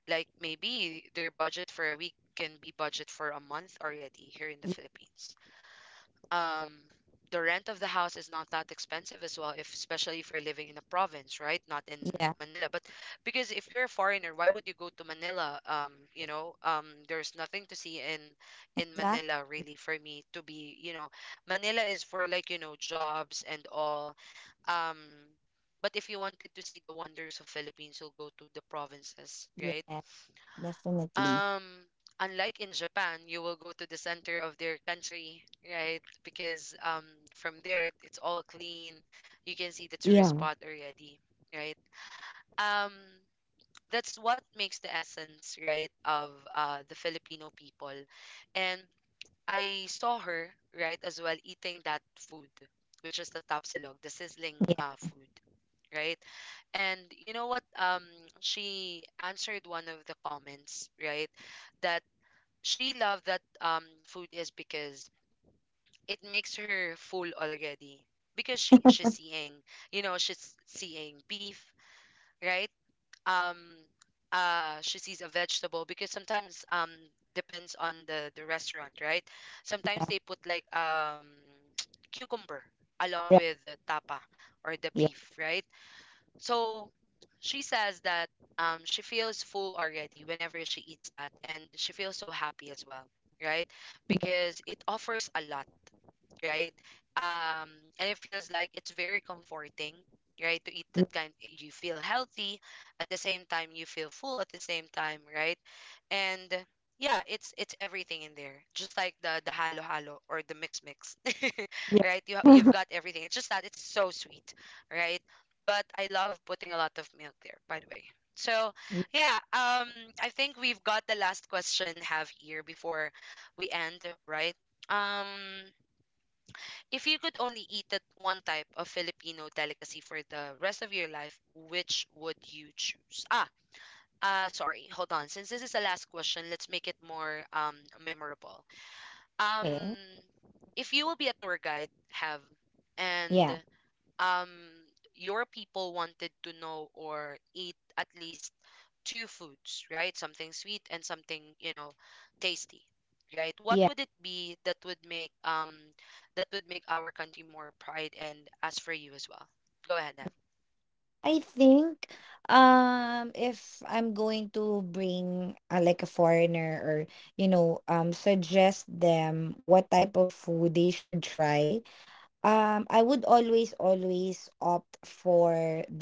A: Like, maybe their budget for a week can be budget for a month already here in the
B: Yeah.
A: Philippines. um the rent of the house is not that expensive as well, if, especially if you're living in a province, right? Not in
B: Yeah.
A: Manila, but because if you're a foreigner, why would you go to Manila? Um you know, um there's nothing to see in in
B: Exactly.
A: Manila, really. For me to be, you know, Manila is for like, you know, jobs and all. um but if you wanted to see the wonders of Philippines, you'll go to the provinces, right?
B: Yeah. Definitely.
A: um, unlike in Japan, you will go to the center of their country, right? Because um, from there, it's all clean. You can see the tourist
B: Yeah.
A: spot already, right? Um, that's what makes the essence, right, of uh, the Filipino people. And I saw her, right, as well, eating that food, which is the tapsilog, the sizzling
B: Yeah.
A: uh, food, right? And you know what? Um, she answered one of the comments, right? That, she loved that um food, is because it makes her full already, because she she's seeing, you know, she's seeing beef, right? um uh she sees a vegetable because sometimes, um, depends on the the restaurant, right? Sometimes they put like, um, cucumber along
B: Right.
A: with the tapa or the
B: Yeah.
A: beef, right? So she says that, um, she feels full already whenever she eats that, and she feels so happy as well, right?
B: Yeah.
A: Because it offers a lot, right? Um, and it feels like it's very comforting, right? To eat
B: Yeah.
A: that kind, you feel healthy at the same time, you feel full at the same time, right? And yeah, it's it's everything in there, just like the the halo halo or the mix mix,
B: Yeah.
A: right? You you've got everything. It's just that it's so sweet, right? But I love putting a lot of milk there, by the way. So yeah, um, I think we've got the last question, Have, here before we end, right? Um, if you could only eat that one type of Filipino delicacy for the rest of your life, which would you choose? Ah, uh, sorry, hold on. Since this is the last question, let's make it more um memorable. Um,
B: okay.
A: if you will be a tour guide, Have, and
B: Yeah.
A: um your people wanted to know or eat at least two foods, right? Something sweet and something, you know, tasty, right? What
B: Yeah.
A: would it be, that would make um, that would make our country more pride, and as for you as well? Go ahead, Have.
B: I think um if I'm going to bring uh, like a foreigner or you know um suggest them what type of food they should try. Um, I would always, always opt for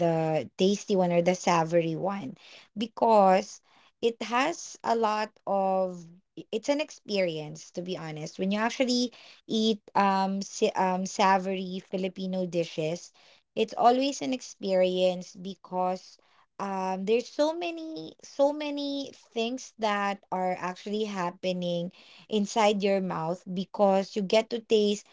B: the tasty one or the savory one because it has a lot of i- it's an experience to be honest. When you actually eat um sa- um savory Filipino dishes, it's always an experience because um there's so many so many things that are actually happening inside your mouth because you get to taste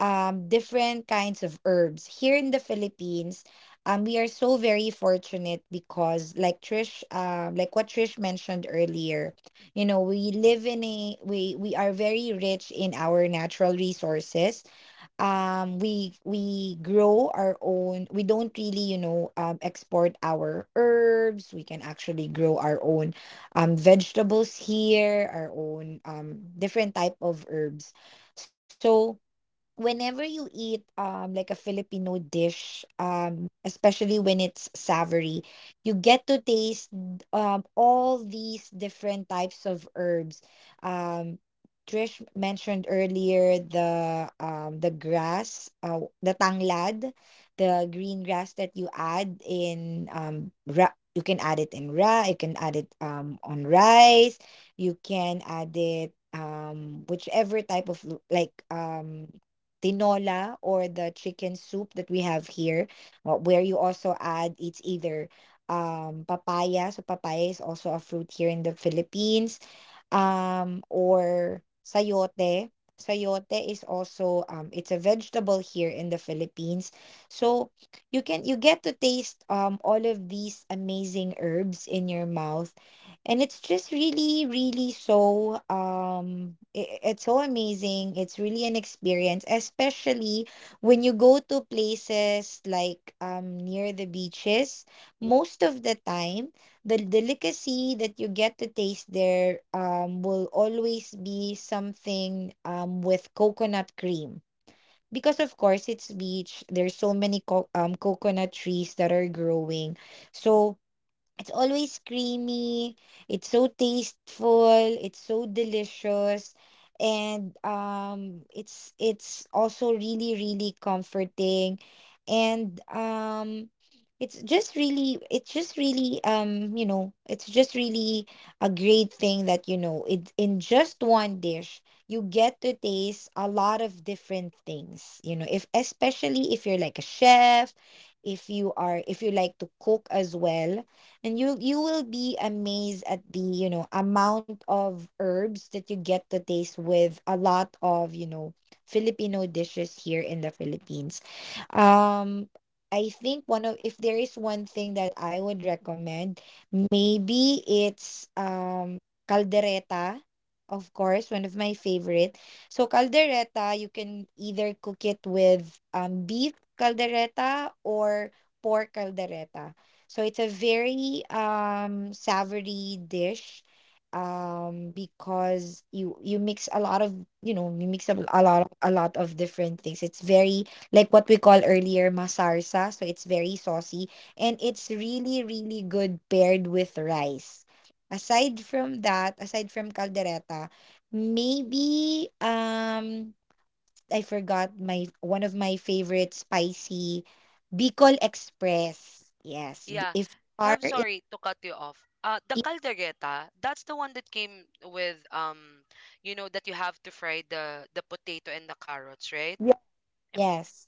B: um, different kinds of herbs. Here in the Philippines, um, we are so very fortunate because, like Trish, um, like what Trish mentioned earlier, you know, we live in a we we are very rich in our natural resources. Um, we we grow our own. We don't really, you know, um, export our herbs. We can actually grow our own um vegetables here, our own um different type of herbs. So whenever you eat um like a Filipino dish, um especially when it's savory, you get to taste um all these different types of herbs. Um Trish mentioned earlier the um the grass, uh, the tanglad, the green grass that you add in um ra- you can add it in ra, you can add it um on rice, you can add it um whichever type of l- like um tinola or the chicken soup that we have here, uh, where you also add it's either um papaya. So papaya is also a fruit here in the Philippines. Um, or sayote. Sayote is also um it's a vegetable here in the Philippines. So you can you get to taste um all of these amazing herbs in your mouth, and it's just really really so um i- it's so amazing. It's really an experience, especially when you go to places like um near the beaches. Most of the time the delicacy that you get to taste there um will always be something um with coconut cream because of course it's beach. There's so many co- um coconut trees that are growing, so it's always creamy. It's so tasteful. It's so delicious. And um it's it's also really really comforting. And um it's just really it's just really um you know it's just really a great thing that you know, it in just one dish you get to taste a lot of different things, you know, if especially if you're like a chef, if you are, if you like to cook as well, and you you will be amazed at the, you know, amount of herbs that you get to taste with a lot of, you know, Filipino dishes here in the Philippines. Um, I think one of, if there is one thing that I would recommend, maybe it's um caldereta, of course, one of my favorite. So caldereta, you can either cook it with um beef caldereta or pork caldereta. So it's a very um savory dish um because you you mix a lot of, you know, you mix a, a lot a lot of different things. It's very like what we call earlier masarsa. So it's very saucy, and it's really, really good paired with rice. Aside from that, aside from caldereta, maybe um I forgot my one of my favorite spicy Bicol Express. Yes, b-
A: Yeah.
B: if you are
A: Have,
B: in
A: sorry to cut you off. Uh, the caldereta, that's the one that came with um, you know, that you have to fry the the potato and the carrots, right?
B: yeah,
A: Am-
B: yes,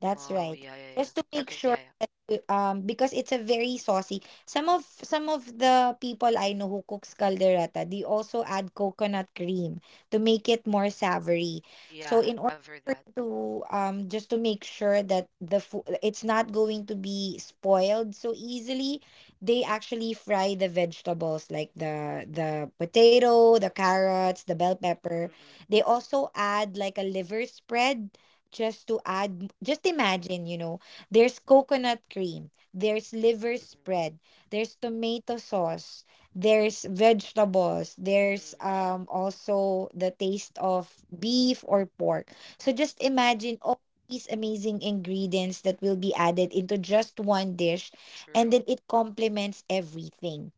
B: that's
A: Oh,
B: right.
A: yeah, yeah, yeah.
B: Just to make
A: Okay, yeah,
B: sure.
A: yeah.
B: Uh, um because it's a very saucy, some of some of the people I know who cooks caldereta, they also add coconut cream to make it more savory. So
A: Yeah,
B: in order
A: I've heard
B: for
A: that.
B: you to um just to make sure that the food it's not going to be spoiled so easily, they actually fry the vegetables like the the potato, the carrots, the bell pepper.
A: Mm-mm,
B: They also add like a liver spread just to add, just imagine, you know, there's coconut cream. There's liver
A: mm-mm,
B: spread. There's tomato sauce. There's vegetables.
A: mm,
B: There's um also the taste of beef or pork. So just
A: mm-mm.
B: imagine all these amazing ingredients that will be added into just one dish, and then
A: True,
B: it complements everything.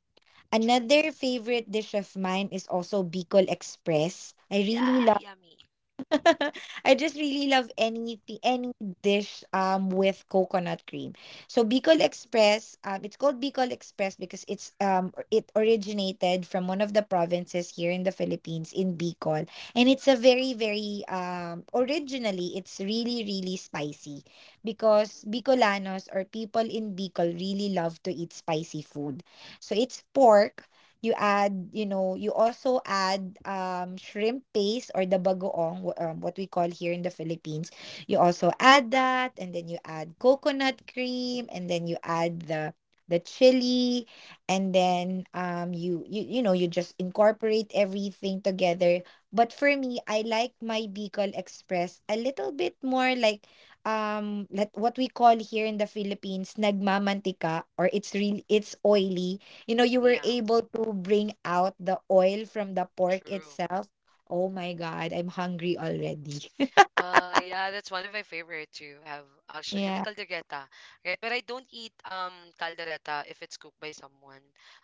A: true.
B: Another favorite dish of mine is also Bicol Express. I really
A: Yeah, yummy.
B: I just really love anything, any dish um with coconut cream. So Bicol Express, um, it's called Bicol Express because it's um or- it originated from one of the provinces here in the Philippines in Bicol, and it's a very very um originally it's really really spicy because
A: Mm-mm,
B: Bicolanos or people in Bicol really love to eat spicy food. So it's pork. You add, you know, you also add um, shrimp paste or the bagoong, wh- um, what we call here in the Philippines. You also
A: mm-mm.
B: add that, and then you add coconut cream, and then you add the the chili, and then um, you you you know you just incorporate everything together. But for me, I like my Bicol Express a little bit more like um let what we call here in the Philippines nagmamantika, or it's real it's oily. You know, you were
A: Yeah,
B: able to bring out the oil from the pork
A: true.
B: itself. Oh my God, I'm hungry already.
A: Well, yeah, that's one of my favorite to have actually, and the
B: Yeah.
A: caldereta, right? But I don't eat um caldereta if it's cooked by someone.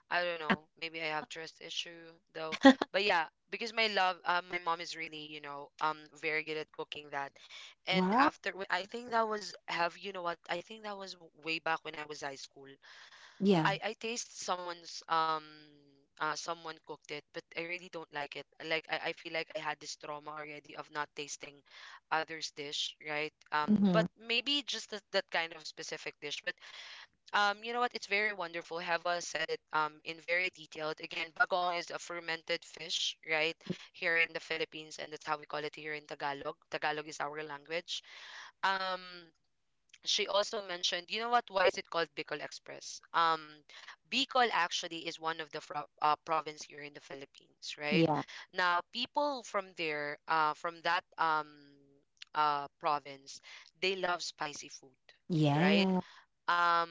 A: I don't know. Maybe I have trust issue though. But yeah, because my love, uh, my mom is really, you know, um, very good at cooking that. And
B: Wow.
A: after, wh- I think that was Have, you know what? I think that was w- way back when I was high school. I
B: Yeah.
A: I taste someone's um uh someone cooked it, but I really don't like it. Like I, I feel like I had this trauma already of not tasting others' dish, right? Um, but
B: Mm-hmm.
A: maybe just that, that kind of specific dish. But um, you know what? It's very wonderful. Heva said it um in very detailed. Again, bagong is a fermented fish, right? Here in the Philippines, and that's how we call it here in Tagalog. Tagalog is our language. Um, she also mentioned, you know what? Why is it called Bicol Express? Um, Bicol actually is one of the fro- uh, province here in the Philippines, right?
B: Yeah.
A: Now, people from there, uh, from that um, uh, province, they love spicy food, right?
B: Yeah.
A: Um,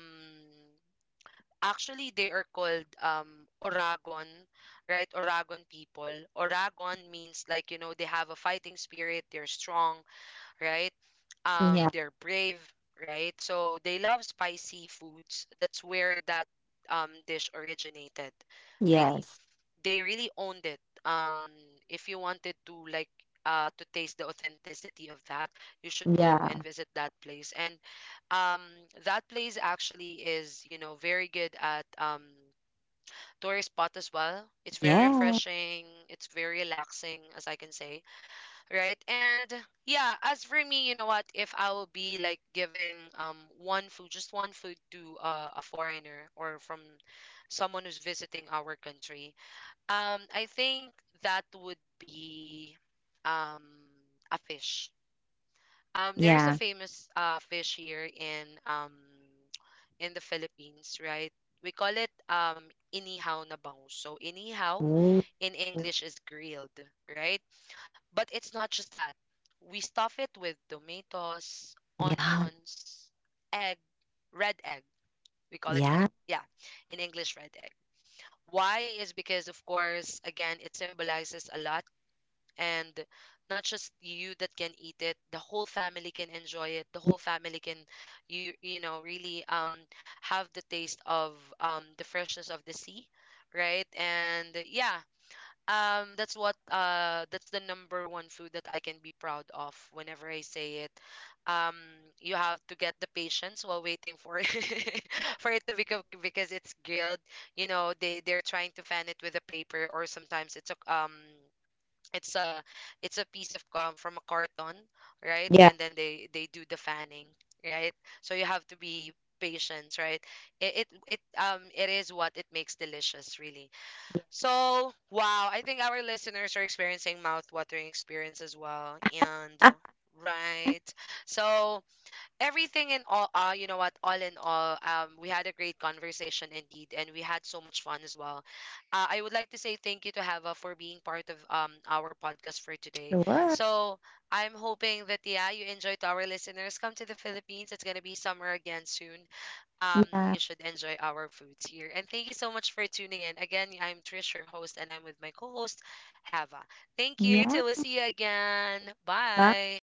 A: actually, they are called um, Oragon, right? Oragon people. Oragon means like you know they have a fighting spirit. They're strong, right? Um,
B: Yeah.
A: they're brave, right? So they love spicy foods. That's where that um, dish originated, really.
B: Yes.
A: They really owned it. Um, if you wanted to like uh, to taste the authenticity of that, you should go
B: Yeah.
A: and visit that place. And um, that place actually is, you know, very good at um, tourist spot as well. It's very
B: Yeah.
A: refreshing. It's very relaxing, as I can say, right? And yeah, as for me, you know what? If I will be like giving um one food, just one food to uh, a foreigner or from someone who's visiting our country, um, I think that would be um a fish. Um, there is a
B: Yeah.
A: famous uh fish here in um in the Philippines, right? We call it um inihaw na bangus. So inihaw
B: Ooh.
A: in English is grilled, right? But it's not just that. We stuff it with tomatoes,
B: Yeah.
A: onions, egg, red egg. We call it red.
B: Yeah.
A: Yeah, in English, red egg. Why is because, of course, again, it symbolizes a lot. And not just you that can eat it, the whole family can enjoy it. The whole family can, you you know, really um have the taste of um the freshness of the sea, right? And yeah, um, that's what uh, that's the number one food that I can be proud of whenever I say it. Um, you have to get the patience while waiting for it for it to become, because it's grilled. You know, they they're trying to fan it with a paper, or sometimes it's a um, it's a it's a piece of um, from a carton, right?
B: Yeah.
A: And then they they do the fanning, right? So you have to be patient, right? It, it it um it is what it makes delicious, really.
B: Yeah.
A: So, wow, I think our listeners are experiencing mouth-watering experience as well. And
B: Ah,
A: uh, right. So, everything in all uh, you know what, all in all um, we had a great conversation indeed, and we had so much fun as well. Uh, I would like to say thank you to Hava for being part of um our podcast for today.
B: sure.
A: So I'm hoping that, yeah, you enjoyed our listeners. Come to the Philippines, it's going to be summer again soon. Um,
B: Yeah.
A: you should enjoy our foods here, and thank you so much for tuning in again. I'm Trish, your host, and I'm with my co-host Hava. Thank you,
B: Yeah.
A: till we see you again,
B: Bye.
A: bye.